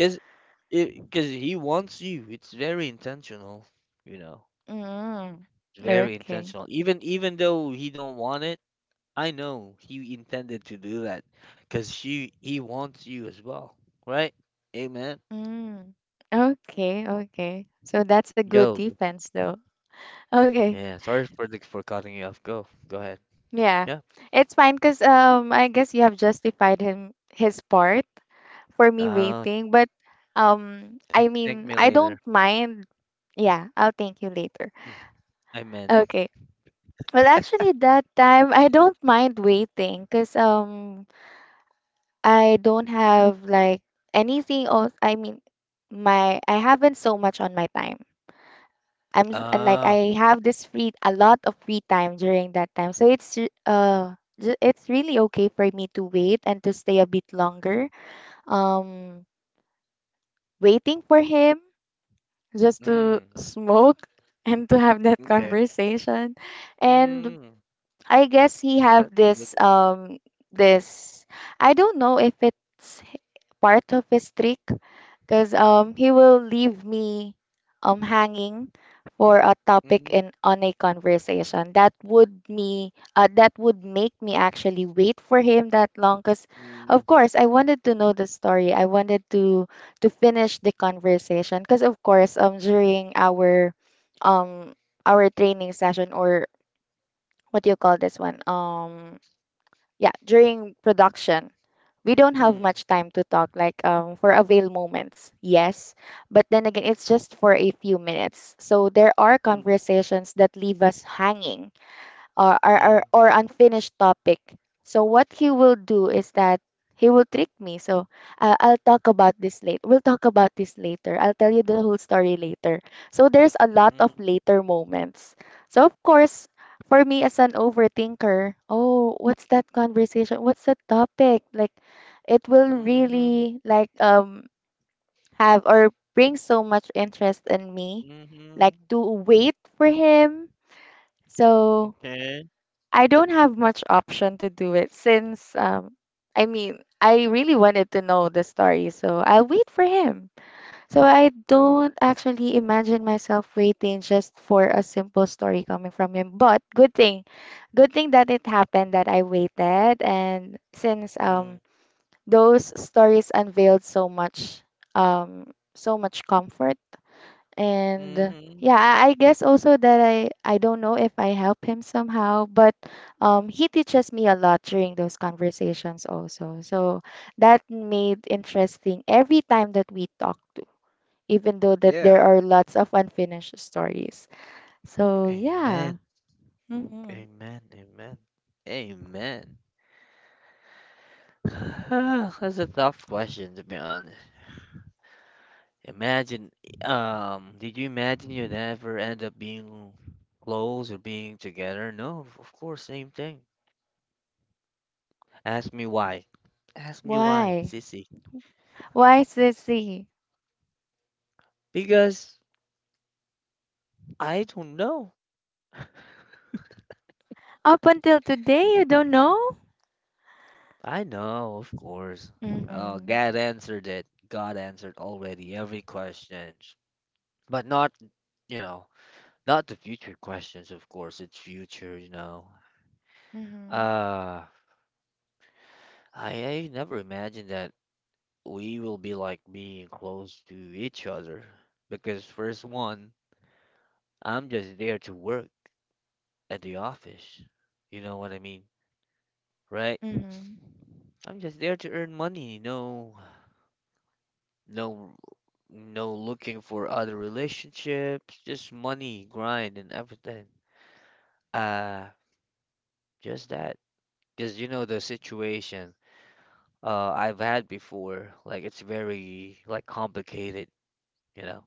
Speaker 1: Because he wants you. It's very intentional, you know.
Speaker 2: Mm,
Speaker 1: It's very
Speaker 2: okay.
Speaker 1: intentional. Even though he don't want it, I know he intended to do that because she he wants you as well, right? Amen.
Speaker 2: Mm, okay, okay. So that's a good
Speaker 1: Go.
Speaker 2: defense, though. Okay.
Speaker 1: Yeah. Sorry for for cutting you off. Go. Go ahead.
Speaker 2: Yeah,
Speaker 1: Yeah.
Speaker 2: it's fine, because I guess you have justified him his part for me
Speaker 1: Uh.
Speaker 2: waiting, but
Speaker 1: Thank
Speaker 2: I
Speaker 1: thank
Speaker 2: mean,
Speaker 1: me
Speaker 2: I
Speaker 1: later.
Speaker 2: don't mind. Yeah, I'll thank you later.
Speaker 1: Mm. Amen.
Speaker 2: Okay. Well, actually that time I don't mind waiting, because I don't have like anything else. I mean my I haven't so much on my time. Like
Speaker 1: Ah.
Speaker 2: I have this free a lot of free time during that time. So it's it's really okay for me to wait and to stay a bit longer. Um, waiting for him just to
Speaker 1: Mm.
Speaker 2: smoke *laughs* and to have that
Speaker 1: Okay.
Speaker 2: conversation. And
Speaker 1: Mm.
Speaker 2: I guess he
Speaker 1: That's
Speaker 2: have
Speaker 1: a good
Speaker 2: this
Speaker 1: one.
Speaker 2: um this I don't know if it's part of his trick, because he will leave me hanging for a topic
Speaker 1: Mm.
Speaker 2: in on a conversation that would me that would make me actually wait for him that long, because of
Speaker 1: Mm.
Speaker 2: course I wanted to know the story. I wanted to finish the conversation, because of course during um our training session, or what do you call this one, yeah, during production, we don't have
Speaker 1: Mm.
Speaker 2: much time to talk, like for avail moments, yes. But then again, it's just for a few minutes. So there are conversations that leave us hanging or, or, or
Speaker 1: Mm.
Speaker 2: or unfinished topic. So what he will do is that he will trick me. So I'll talk about this later. We'll talk about this later. I'll tell you the whole story later. So there's a lot of
Speaker 1: Mm.
Speaker 2: later moments. So of course, for me as an overthinker, oh, what's that conversation? What's the topic? Like it will
Speaker 1: Mm.
Speaker 2: really like have or bring so much interest in me, like
Speaker 1: Mhm.
Speaker 2: to wait for him. So
Speaker 1: Okay.
Speaker 2: I don't have much option to do it, since I mean I really wanted to know the story, so I'll wait for him. So I don't actually imagine myself waiting just for a simple story coming from him. But good thing that it happened that I waited, and since
Speaker 1: Mm.
Speaker 2: those stories unveiled so much so much comfort, and
Speaker 1: Mhm.
Speaker 2: yeah, I guess also that i don't know if I help him somehow, but he teaches me a lot during those conversations also, so that made interesting every time that we talk to, even though that there
Speaker 1: Yeah.
Speaker 2: are lots of unfinished stories. So yeah.
Speaker 1: Amen.
Speaker 2: Hmm.
Speaker 1: Amen. Amen. Amen. *sighs* That's a tough question to be honest. Imagine, did you imagine you'd ever end up being close or being together? No, of course, same thing. Ask me why. Ask me why,
Speaker 2: Why?
Speaker 1: sissy.
Speaker 2: Why, Sissy?
Speaker 1: Because I don't know.
Speaker 2: Up until today, you don't know?
Speaker 1: I know, of course. Oh,
Speaker 2: Mm-hmm.
Speaker 1: God answered it. God answered already every question. But not, you know, not the future questions, of course. It's future, you know.
Speaker 2: Mm-hmm.
Speaker 1: Uh, I never imagined that we will be like being close to each other. Because first one, I'm just there to work at the office. You know what I mean, right?
Speaker 2: Mm-hmm.
Speaker 1: I'm just there to earn money. No, no, no looking for other relationships. Just money, grind, and everything. Uh, just that. Because you know the situation I've had before. Like it's very like complicated, you know.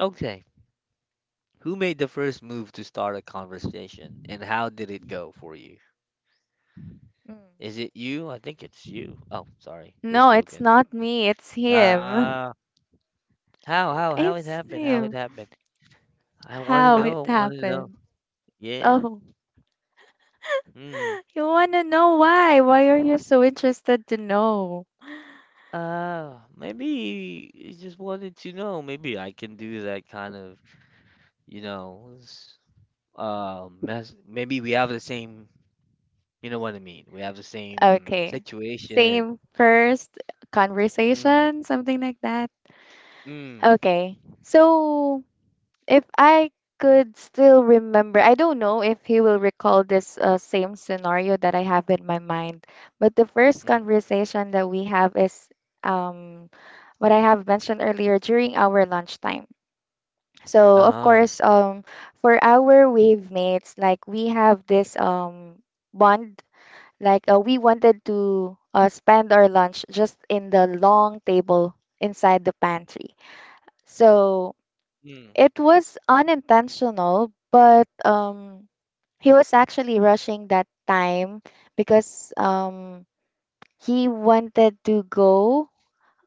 Speaker 1: Okay. Who made the first move to start a conversation and how did it go for you? Is
Speaker 2: Mm-hmm.
Speaker 1: it you? I think it's you. Oh, sorry.
Speaker 2: No,
Speaker 1: Just
Speaker 2: it's
Speaker 1: joking.
Speaker 2: not me. It's him.
Speaker 1: Uh how it
Speaker 2: It's
Speaker 1: happened? How it
Speaker 2: him.
Speaker 1: happened? I want to
Speaker 2: How it
Speaker 1: know. I want to know.
Speaker 2: happened.
Speaker 1: Yeah.
Speaker 2: Oh,
Speaker 1: Hmm.
Speaker 2: *laughs* you want to know why? Why are you so interested to know?
Speaker 1: Maybe you just wanted to know. Maybe I can do that kind of, you know, s- mess. Maybe we have the same. You know what I mean? We have the same
Speaker 2: Okay.
Speaker 1: situation.
Speaker 2: Same first
Speaker 1: Mm,
Speaker 2: conversation, something like that.
Speaker 1: mm,
Speaker 2: Okay. So if I could still remember, I don't know if he will recall this same scenario that I have in my mind, but the first
Speaker 1: mm.
Speaker 2: conversation that we have is um, what I have mentioned earlier during our lunchtime. So of
Speaker 1: Uh-huh.
Speaker 2: course, for our wave mates, like we have this bond, like we wanted to spend our lunch just in the long table inside the pantry. So
Speaker 1: Mm,
Speaker 2: it was unintentional, but he was actually rushing that time, because he wanted to go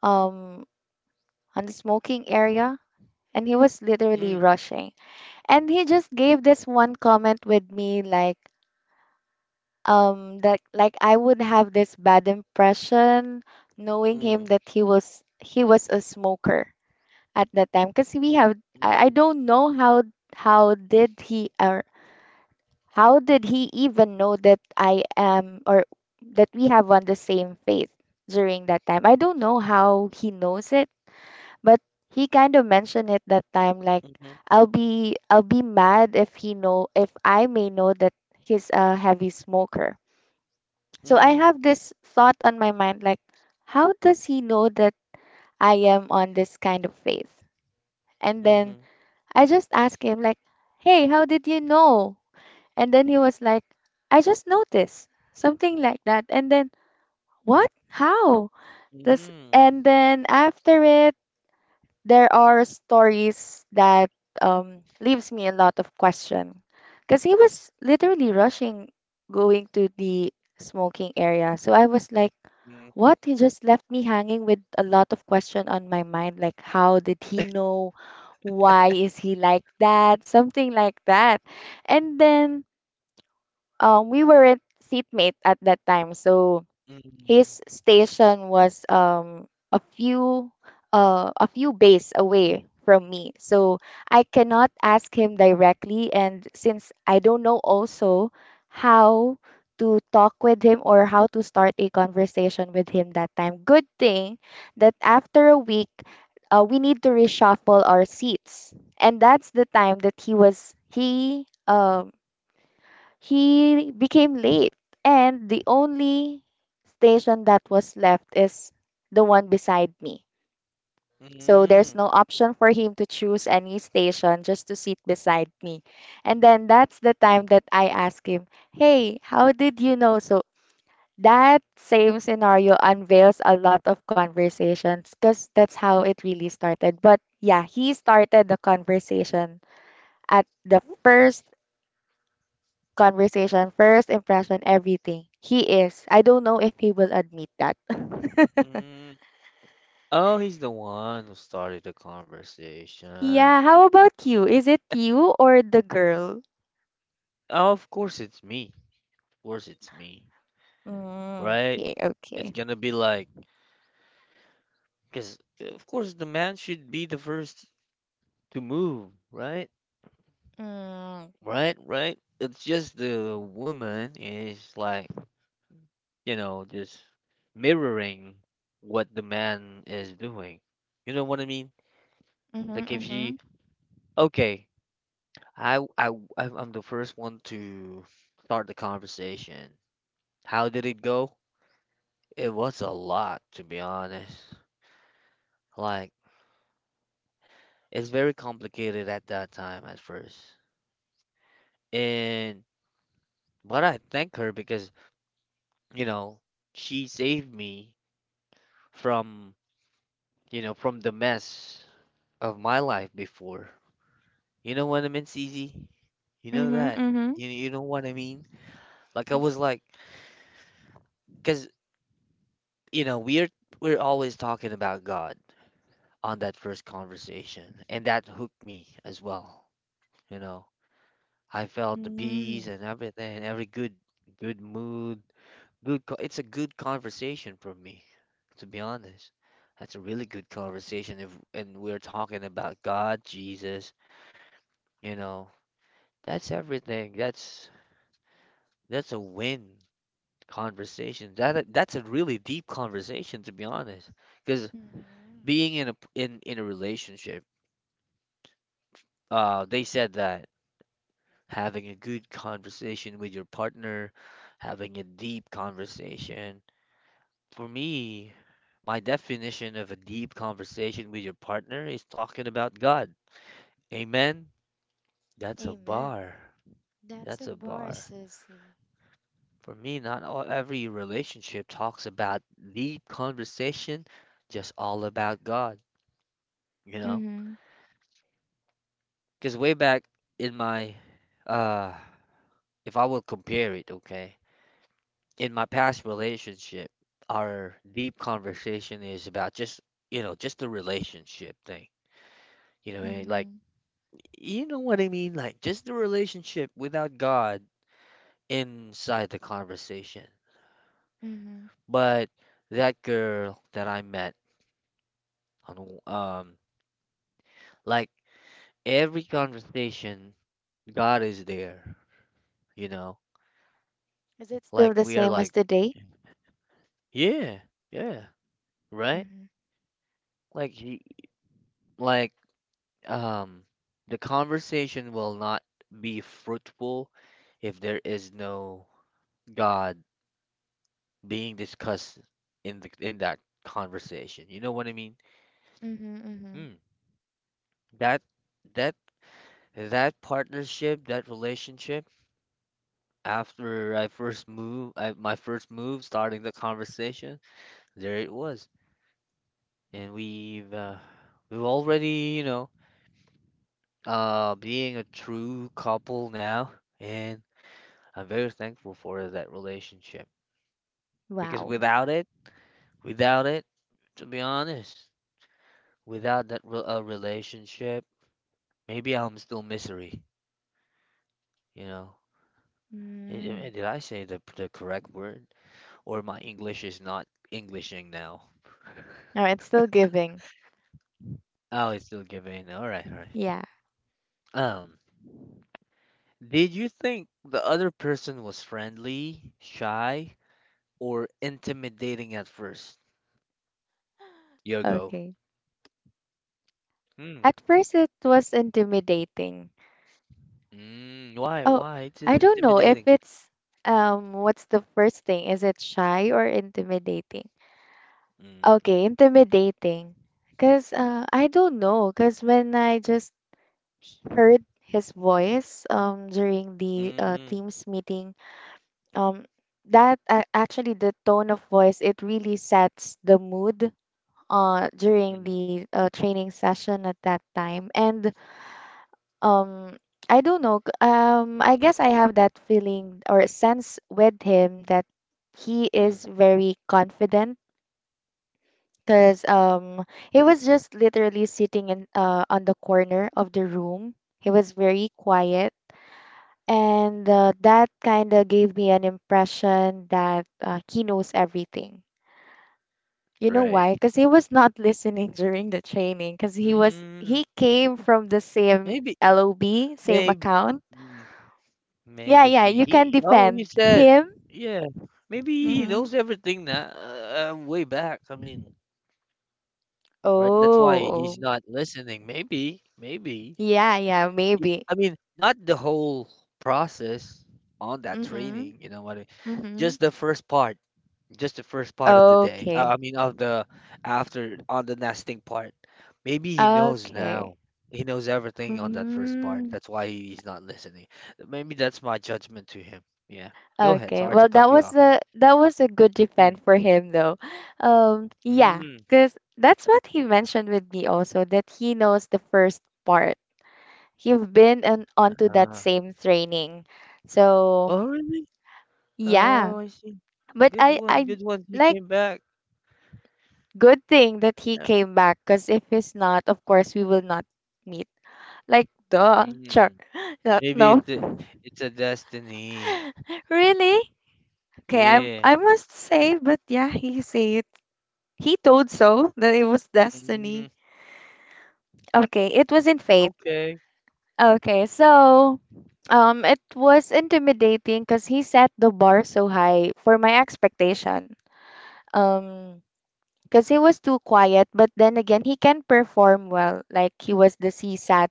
Speaker 2: um, on the smoking area, and he was literally
Speaker 1: mm,
Speaker 2: rushing. And he just gave this one comment with me like, that like I would have this bad impression, knowing
Speaker 1: mm,
Speaker 2: him that he was a smoker at that time, because we have I
Speaker 1: mm,
Speaker 2: don't know how how did he ar- how did he even know that I am, or that we have on the same faith during that time? I don't know how he knows it, but he kind of mentioned it that time like
Speaker 1: mm-hmm,
Speaker 2: I'll be mad if he know if I may know that he's a heavy smoker. So I
Speaker 1: mm,
Speaker 2: have this thought on my mind, like how does he know that I am on this kind of faith? And then
Speaker 1: mm-hmm,
Speaker 2: I just ask him like, "Hey, how did you know?" And then he was like, I just noticed something like that. And then, what? How? This,
Speaker 1: mm,
Speaker 2: and then after it, there are stories that leaves me a lot of question. Because he was literally rushing going to the smoking area. So I was like, what? He just left me hanging with a lot of question on my mind. Like, how did he know? Why is he like that? Something like that. And then we weren't seatmate at that time, so
Speaker 1: mm,
Speaker 2: his station was a few a few bays away from me, so I cannot ask him directly. And since I don't know also how to talk with him or how to start a conversation with him that time, good thing that after a week, we need to reshuffle our seats, and that's the time that he he became late, and the only station that was left is the one beside me.
Speaker 1: mm,
Speaker 2: So there's
Speaker 1: mm,
Speaker 2: no option for him to choose any station just to sit beside me. And then that's the time that I ask him, "Hey, how did you know?" So that same scenario unveils a lot of conversations because that's how it really started. But yeah, he started the conversation at the first conversation, first impression, everything. He is. I don't know if he will admit that. *laughs*
Speaker 1: mm. Oh, he's the one who started the conversation.
Speaker 2: Yeah, how about you? Is it you or the girl?
Speaker 1: Oh, of course it's me. Of course it's me,
Speaker 2: Mm,
Speaker 1: right?
Speaker 2: okay,
Speaker 1: It's
Speaker 2: okay.
Speaker 1: gonna be like, because of course the man should be the first to move, right?
Speaker 2: Mm,
Speaker 1: Right, right. It's just the woman is like, you know, just mirroring what the man is doing. You know what I mean?
Speaker 2: mm-hmm,
Speaker 1: Like if
Speaker 2: mm-hmm,
Speaker 1: she, okay, I, w- I'm the first one to start the conversation. How did it go? It was a lot, to be honest. Like, it's very complicated at that time at first. And, but I thank her because, you know, she saved me from, you know, from the mess of my life before. You know what I mean, CZ? You know
Speaker 2: mm-hmm.
Speaker 1: that.
Speaker 2: Mm-hmm,
Speaker 1: You know what I mean? Like I was like, because you know we're always talking about God on that first conversation, and that hooked me as well. You know, I felt the peace
Speaker 2: mm,
Speaker 1: and everything, every good good mood, good. It's a good conversation for me, to be honest. That's a really good conversation if and we're talking about God, Jesus, you know. That's everything. That's a win conversation. That's a really deep conversation, to be honest. Because
Speaker 2: mm,
Speaker 1: being in a in a relationship, they said that having a good conversation with your partner, having a deep conversation. For me, my definition of a deep conversation with your partner is talking about God. Amen. That's a
Speaker 2: amen.
Speaker 1: bar.
Speaker 2: That's
Speaker 1: That's
Speaker 2: a
Speaker 1: a
Speaker 2: bar,
Speaker 1: bar.
Speaker 2: sissy.
Speaker 1: For me, not all, every relationship talks about the conversation, just all about God, you know?
Speaker 2: Mm-hmm,
Speaker 1: Because way back in my, uh, if I will compare it, okay, in my past relationship, our deep conversation is about just, you know, just the relationship thing. You know what I mean? Like,
Speaker 2: mm-hmm,
Speaker 1: you know what I mean? Like, just the relationship without God inside the conversation.
Speaker 2: mm-hmm.
Speaker 1: But that girl that I met on, like, every conversation, God is there, you know?
Speaker 2: Is it still
Speaker 1: Like
Speaker 2: the
Speaker 1: we are
Speaker 2: same as
Speaker 1: like,
Speaker 2: today?
Speaker 1: yeah, yeah, right?
Speaker 2: Mm-hmm,
Speaker 1: Like he like um the conversation will not be fruitful if there is no God being discussed in the in that conversation. You know what I mean?
Speaker 2: mm-hmm, mm-hmm.
Speaker 1: Hmm. That that that partnership, that relationship after I first move, my first move starting the conversation, there it was. And we've already, you know, being a true couple now, and I'm very thankful for that relationship because
Speaker 2: Wow.
Speaker 1: without it, without it, to be honest, without that relationship, maybe I'm still misery, you know.
Speaker 2: Mm.
Speaker 1: Did I say the correct word, or my English is not Englishing now?
Speaker 2: Oh, it's still giving.
Speaker 1: Oh, it's still giving. All right, all right.
Speaker 2: Yeah,
Speaker 1: Um, did you think the other person was friendly, shy, or intimidating at first? You go.
Speaker 2: okay.
Speaker 1: Hmm.
Speaker 2: At first, it was intimidating.
Speaker 1: Mm, why?
Speaker 2: Oh,
Speaker 1: Why? It's
Speaker 2: I don't know if
Speaker 1: intimidating.
Speaker 2: it's what's the first thing? Is it shy or intimidating?
Speaker 1: Mm.
Speaker 2: Okay, intimidating. Cause I don't know. Cause when I just heard his voice during the
Speaker 1: Mm.
Speaker 2: team's meeting, um, that actually the tone of voice it really sets the mood during
Speaker 1: Mm.
Speaker 2: the training session at that time. And um I don't know. I guess I have that feeling or sense with him that he
Speaker 1: Mm.
Speaker 2: is very confident because he was just literally sitting in on the corner of the room. He was very quiet, and that kind of gave me an impression that he knows everything. You know
Speaker 1: Right.
Speaker 2: why? Because he was not *laughs* listening during the training. Because
Speaker 1: Mm.
Speaker 2: he came from the same
Speaker 1: Maybe.
Speaker 2: LOB, same
Speaker 1: Maybe.
Speaker 2: account. Yeah,
Speaker 1: Maybe
Speaker 2: yeah,
Speaker 1: she.
Speaker 2: you can
Speaker 1: He. Oh, you
Speaker 2: defend
Speaker 1: said.
Speaker 2: him.
Speaker 1: Yeah. Maybe he
Speaker 2: Mm-hmm.
Speaker 1: knows everything now. Way back. I mean, right. That's why he's
Speaker 2: Oh,
Speaker 1: not listening. Maybe. Maybe.
Speaker 2: yeah, yeah, maybe.
Speaker 1: I mean, not the whole process on that
Speaker 2: Mm-hmm.
Speaker 1: training. You know what I mean?
Speaker 2: Mm-hmm.
Speaker 1: Just the first part. Just the first part of the day.
Speaker 2: Okay.
Speaker 1: I mean, of the after on the nesting part. Maybe he knows
Speaker 2: Okay.
Speaker 1: now. He knows everything on that first part.
Speaker 2: Hmm.
Speaker 1: That's why he's not listening. Maybe that's my judgment to him. Yeah. Go ahead.
Speaker 2: Okay.
Speaker 1: Sorry to
Speaker 2: Well,
Speaker 1: cut you off.
Speaker 2: that was a good
Speaker 1: Mm.
Speaker 2: defense for him though. Yeah,
Speaker 1: Mm.
Speaker 2: 'cause that's what he mentioned with me also, that he knows the first part. He've been on onto that
Speaker 1: Uh,
Speaker 2: same training. So,
Speaker 1: oh, really?
Speaker 2: yeah.
Speaker 1: Oh, I see.
Speaker 2: But
Speaker 1: Good
Speaker 2: I
Speaker 1: one.
Speaker 2: I
Speaker 1: Good one. He
Speaker 2: like
Speaker 1: came back.
Speaker 2: good thing that he
Speaker 1: Yeah.
Speaker 2: came back, because if he's not, of course, we will not meet. Like, duh, sure.
Speaker 1: Mm.
Speaker 2: *laughs* No,
Speaker 1: Maybe
Speaker 2: no.
Speaker 1: it's a destiny.
Speaker 2: Really? Okay, I
Speaker 1: Yeah.
Speaker 2: I must say, but yeah, he said he told so that it was
Speaker 1: Mm.
Speaker 2: destiny. Okay, it was in fate.
Speaker 1: Okay.
Speaker 2: Okay, so it was intimidating because he set the bar so high for my expectation. Um, because he was too quiet, but then again, he can perform well. Like he was the CSAT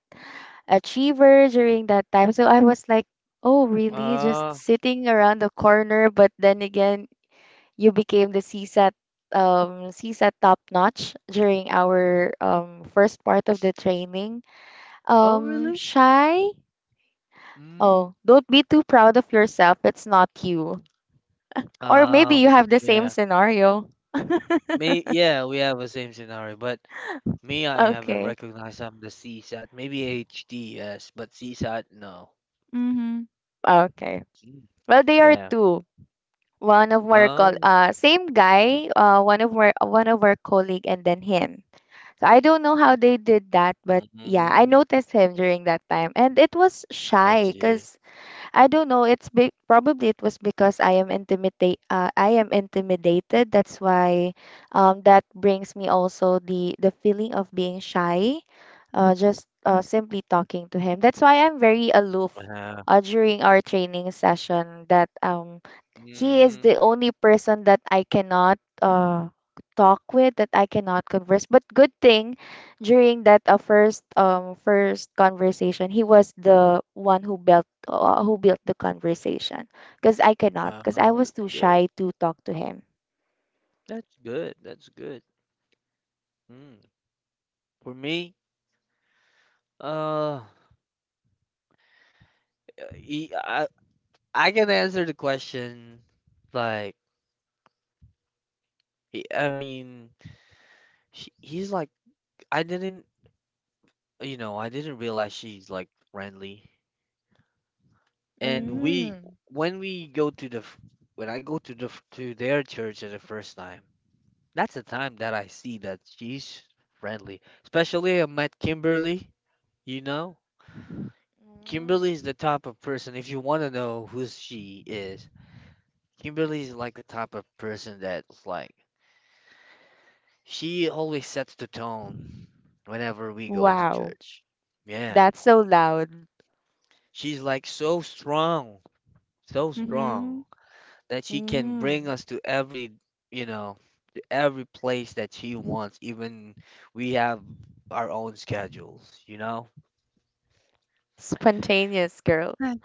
Speaker 2: achiever during that time. So I was like, oh, really? Just
Speaker 1: Uh,
Speaker 2: sitting around the corner. But then again, you became the CSAT, CSAT top notch during our first part of the training.
Speaker 1: oh, really?
Speaker 2: Shy?
Speaker 1: Mm.
Speaker 2: Oh, don't be too proud of yourself. It's not you. Or maybe
Speaker 1: Uh,
Speaker 2: you have the same
Speaker 1: yeah.
Speaker 2: scenario. *laughs*
Speaker 1: Me, yeah, we have the same scenario, but me, I haven't
Speaker 2: Okay.
Speaker 1: recognized I'm the CSAT. Maybe HD, yes, but CSAT, no.
Speaker 2: Mm-hmm. Okay.
Speaker 1: Mm.
Speaker 2: Well, they are
Speaker 1: Yeah.
Speaker 2: two. One of our col
Speaker 1: Oh,
Speaker 2: same guy, one of our colleague and then him. So I don't know how they did that, but yeah, I
Speaker 1: mm,
Speaker 2: noticed him during that time. And it was
Speaker 1: I
Speaker 2: shy
Speaker 1: see.
Speaker 2: because I don't know. Probably it was because I am intimidated. That's why, that brings me also the feeling of being shy, just simply talking to him. That's why I'm very aloof.
Speaker 1: Uh,
Speaker 2: During our training session, that he is the
Speaker 1: mm,
Speaker 2: only person that I cannot talk with, that I cannot converse. But good thing during that first first conversation, he was the one who built the conversation, because I cannot
Speaker 1: uh,
Speaker 2: because I was
Speaker 1: that's
Speaker 2: too
Speaker 1: good.
Speaker 2: shy to talk to him.
Speaker 1: That's good. That's good. Mm. For me, uh, y- I, I can answer the question like, I mean, he's like, I didn't. You know, I didn't realize she's like friendly. And
Speaker 2: Mm.
Speaker 1: when we go to the, when I go to the to their church for the first time, that's the time that I see that she's friendly. Especially I met Kimberly. You know, Kimberly is
Speaker 2: Mm.
Speaker 1: the type of person. If you want to know who she is, Kimberly is like the type of person that's like she always sets the tone whenever we go to
Speaker 2: Wow.
Speaker 1: church. Yeah,
Speaker 2: That's so loud.
Speaker 1: she's like so strong, so
Speaker 2: Mm-hmm.
Speaker 1: strong, that she can bring
Speaker 2: Mm.
Speaker 1: us to every, you know, to every place that she wants, even we have our own schedules, you know?
Speaker 2: Spontaneous girl.
Speaker 1: Right.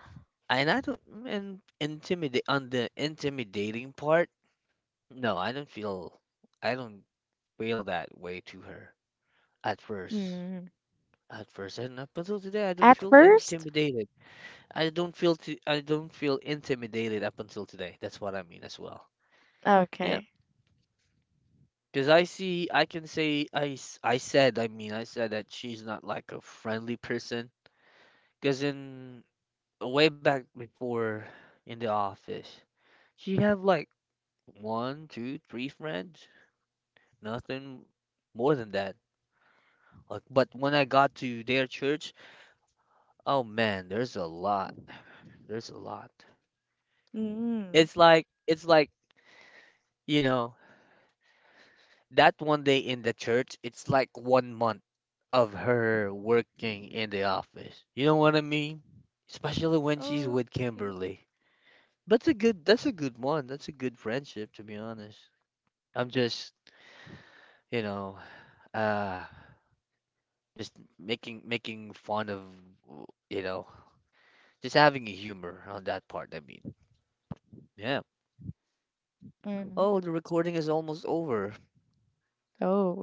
Speaker 1: And I don't and intimidate on the intimidating part, no, I don't feel that way to her at first.
Speaker 2: Mm.
Speaker 1: At first and up until today I don't
Speaker 2: At
Speaker 1: feel
Speaker 2: first,
Speaker 1: intimidated. I don't feel intimidated up until today. That's what I mean as well. Yeah.
Speaker 2: okay.
Speaker 1: Because I see, I can say, I said, I mean, I said that she's not like a friendly person. Because in way back before in the office, she had like one, two, three friends, nothing more than that. Like, but when I got to their church, oh man, there's a lot. There's a lot.
Speaker 2: Mm.
Speaker 1: It's like, you know, that one day in the church, it's like one month of her working in the office. You know what I mean? Especially when she's with
Speaker 2: Okay.
Speaker 1: Kimberly. That's a good one. That's a good friendship, to be honest. I'm just, you know, uh just making making fun of, you know, just having a humor on that part, I mean. Yeah.
Speaker 2: Mm.
Speaker 1: Oh, the recording is almost over.
Speaker 2: Oh,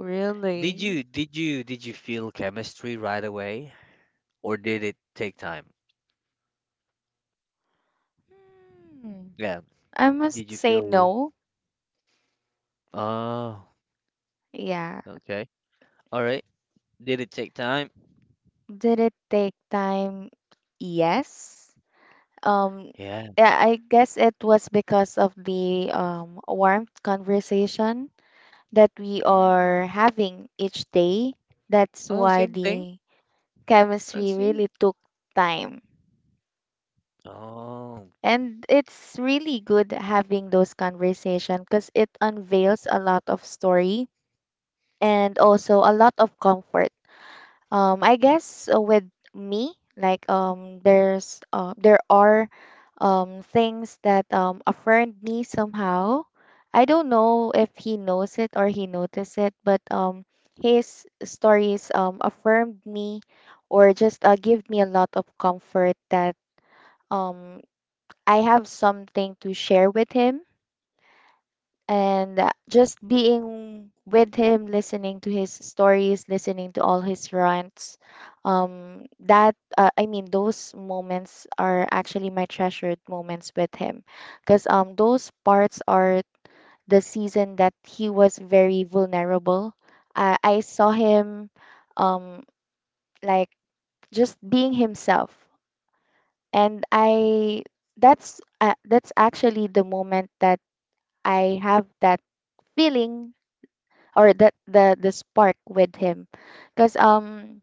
Speaker 1: Did
Speaker 2: really?
Speaker 1: you did you did you feel chemistry right away or did it take time?
Speaker 2: Hmm.
Speaker 1: Yeah.
Speaker 2: I
Speaker 1: Did
Speaker 2: must
Speaker 1: you
Speaker 2: say
Speaker 1: feel.
Speaker 2: no.
Speaker 1: Oh,
Speaker 2: Yeah.
Speaker 1: okay. All right. Did it take time?
Speaker 2: Did it take time? Yes. Um,
Speaker 1: Yeah.
Speaker 2: yeah, I guess it was because of the warmth conversation that we are
Speaker 1: Mm.
Speaker 2: having each day. That's
Speaker 1: Oh,
Speaker 2: why
Speaker 1: same thing.
Speaker 2: the
Speaker 1: I
Speaker 2: chemistry
Speaker 1: see.
Speaker 2: really took time.
Speaker 1: Oh,
Speaker 2: And it's really good having those conversations because it unveils a lot of story and also a lot of comfort. I guess with me, like there are things that affirmed me somehow. I don't know if he knows it or he noticed it, but his stories affirmed me or just give me a lot of comfort that um, I have something to share with him. And just being with him, listening to his stories, listening to all his rants, that I mean, those moments are actually my treasured moments with him, because those parts are the season that he was very vulnerable. I saw him um like just being himself. And I that's actually the moment that I have that feeling, or that the spark with him, because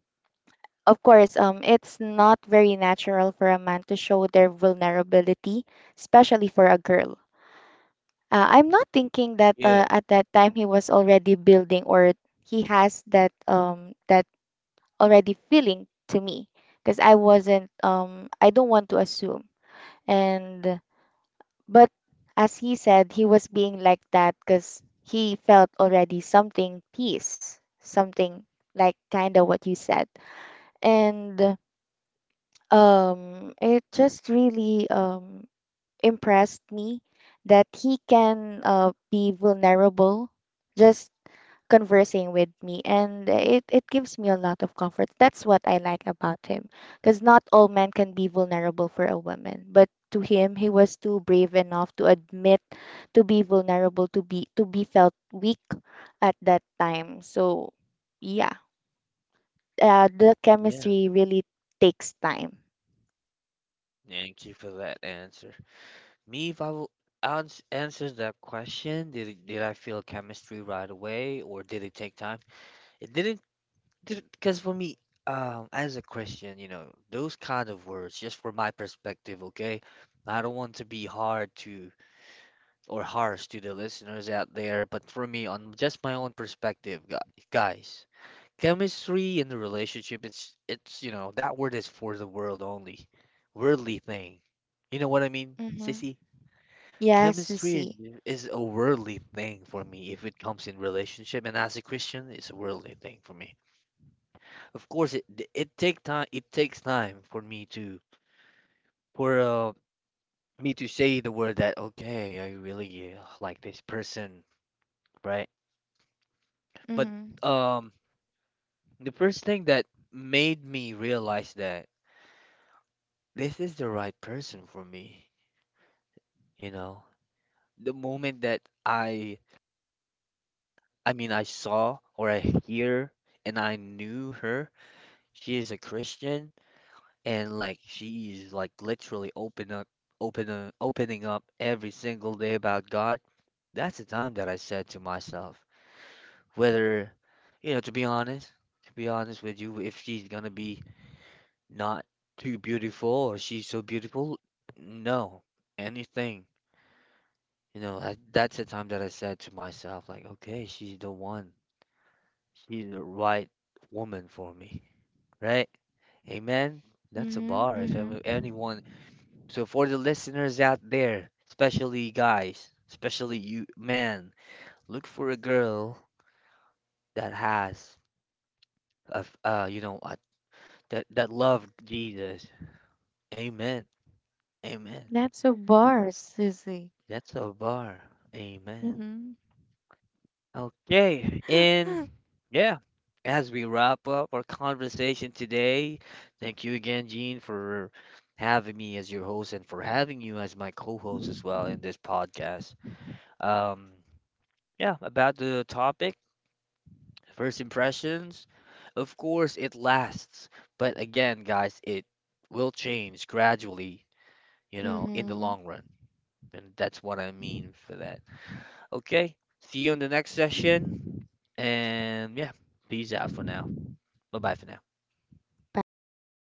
Speaker 2: of course, it's not very natural for a man to show their vulnerability, especially for a girl. I'm not thinking that
Speaker 1: yeah.
Speaker 2: at that time he was already building, or he has that already feeling to me, because I don't want to assume. And but as he said, he was being like that because he felt already something peace, something like kind of what you said. And it just really impressed me that he can be vulnerable just conversing with me. And it gives me a lot of comfort. That's what I like about him, because not all men can be vulnerable for a woman, but to him, he was too brave enough to admit to be vulnerable, to be felt weak at that time. So yeah, the
Speaker 1: Yeah.
Speaker 2: chemistry really takes time.
Speaker 1: Thank you for that answer. Me, if I will answer that question, did it, did I feel chemistry right away or did it take time? It didn't, because for me, as a Christian, you know, those kind of words, just for my perspective, okay? I don't want to be hard to or harsh to the listeners out there, but for me, on just my own perspective, guys, chemistry in the relationship, it's you know that word is for the world only, worldly thing. You know what I mean,
Speaker 2: Mm-hmm.
Speaker 1: Sissy?
Speaker 2: Yes,
Speaker 1: Chemistry is
Speaker 2: see.
Speaker 1: is a worldly thing for me if it comes in relationship, and as a Christian, it's a worldly thing for me. Of course, it take time. It takes time for me to say the word that okay, I really like this person, right? But
Speaker 2: Mm-hmm.
Speaker 1: um, the first thing that made me realize that this is the right person for me, you know, the moment that I mean, I saw or I hear and I knew her, she is a Christian and like she is like literally open up, opening up every single day about God. That's the time that I said to myself, whether, you know, to be honest with you, if she's gonna be not too beautiful or she's so beautiful. No, anything. That's the time that I said to myself, like, okay, she's the one. She's the right woman for me, right? Amen. That's a
Speaker 2: Mm-hmm.
Speaker 1: bar. If
Speaker 2: Mm-hmm.
Speaker 1: ever, anyone, so for the listeners out there, especially guys, especially you, man, look for a girl that has, you know, that that love Jesus. Amen. Amen.
Speaker 2: That's a bar, Susie.
Speaker 1: That's a bar. Amen.
Speaker 2: Mm-hmm.
Speaker 1: Okay, and
Speaker 2: *gasps*
Speaker 1: yeah, as we wrap up our conversation today, thank you again, Gene, for having me as your host and for having you as my co-host as well in this podcast. Um, yeah, about the topic, first impressions. Of course, it lasts, but again, guys, it will change gradually, you know, in the
Speaker 2: *laughs* Mm-hmm.
Speaker 1: long run. And that's what I mean for that. Okay, see you in the next session, and yeah, peace out for now. Bye bye for now.
Speaker 2: Bye for now.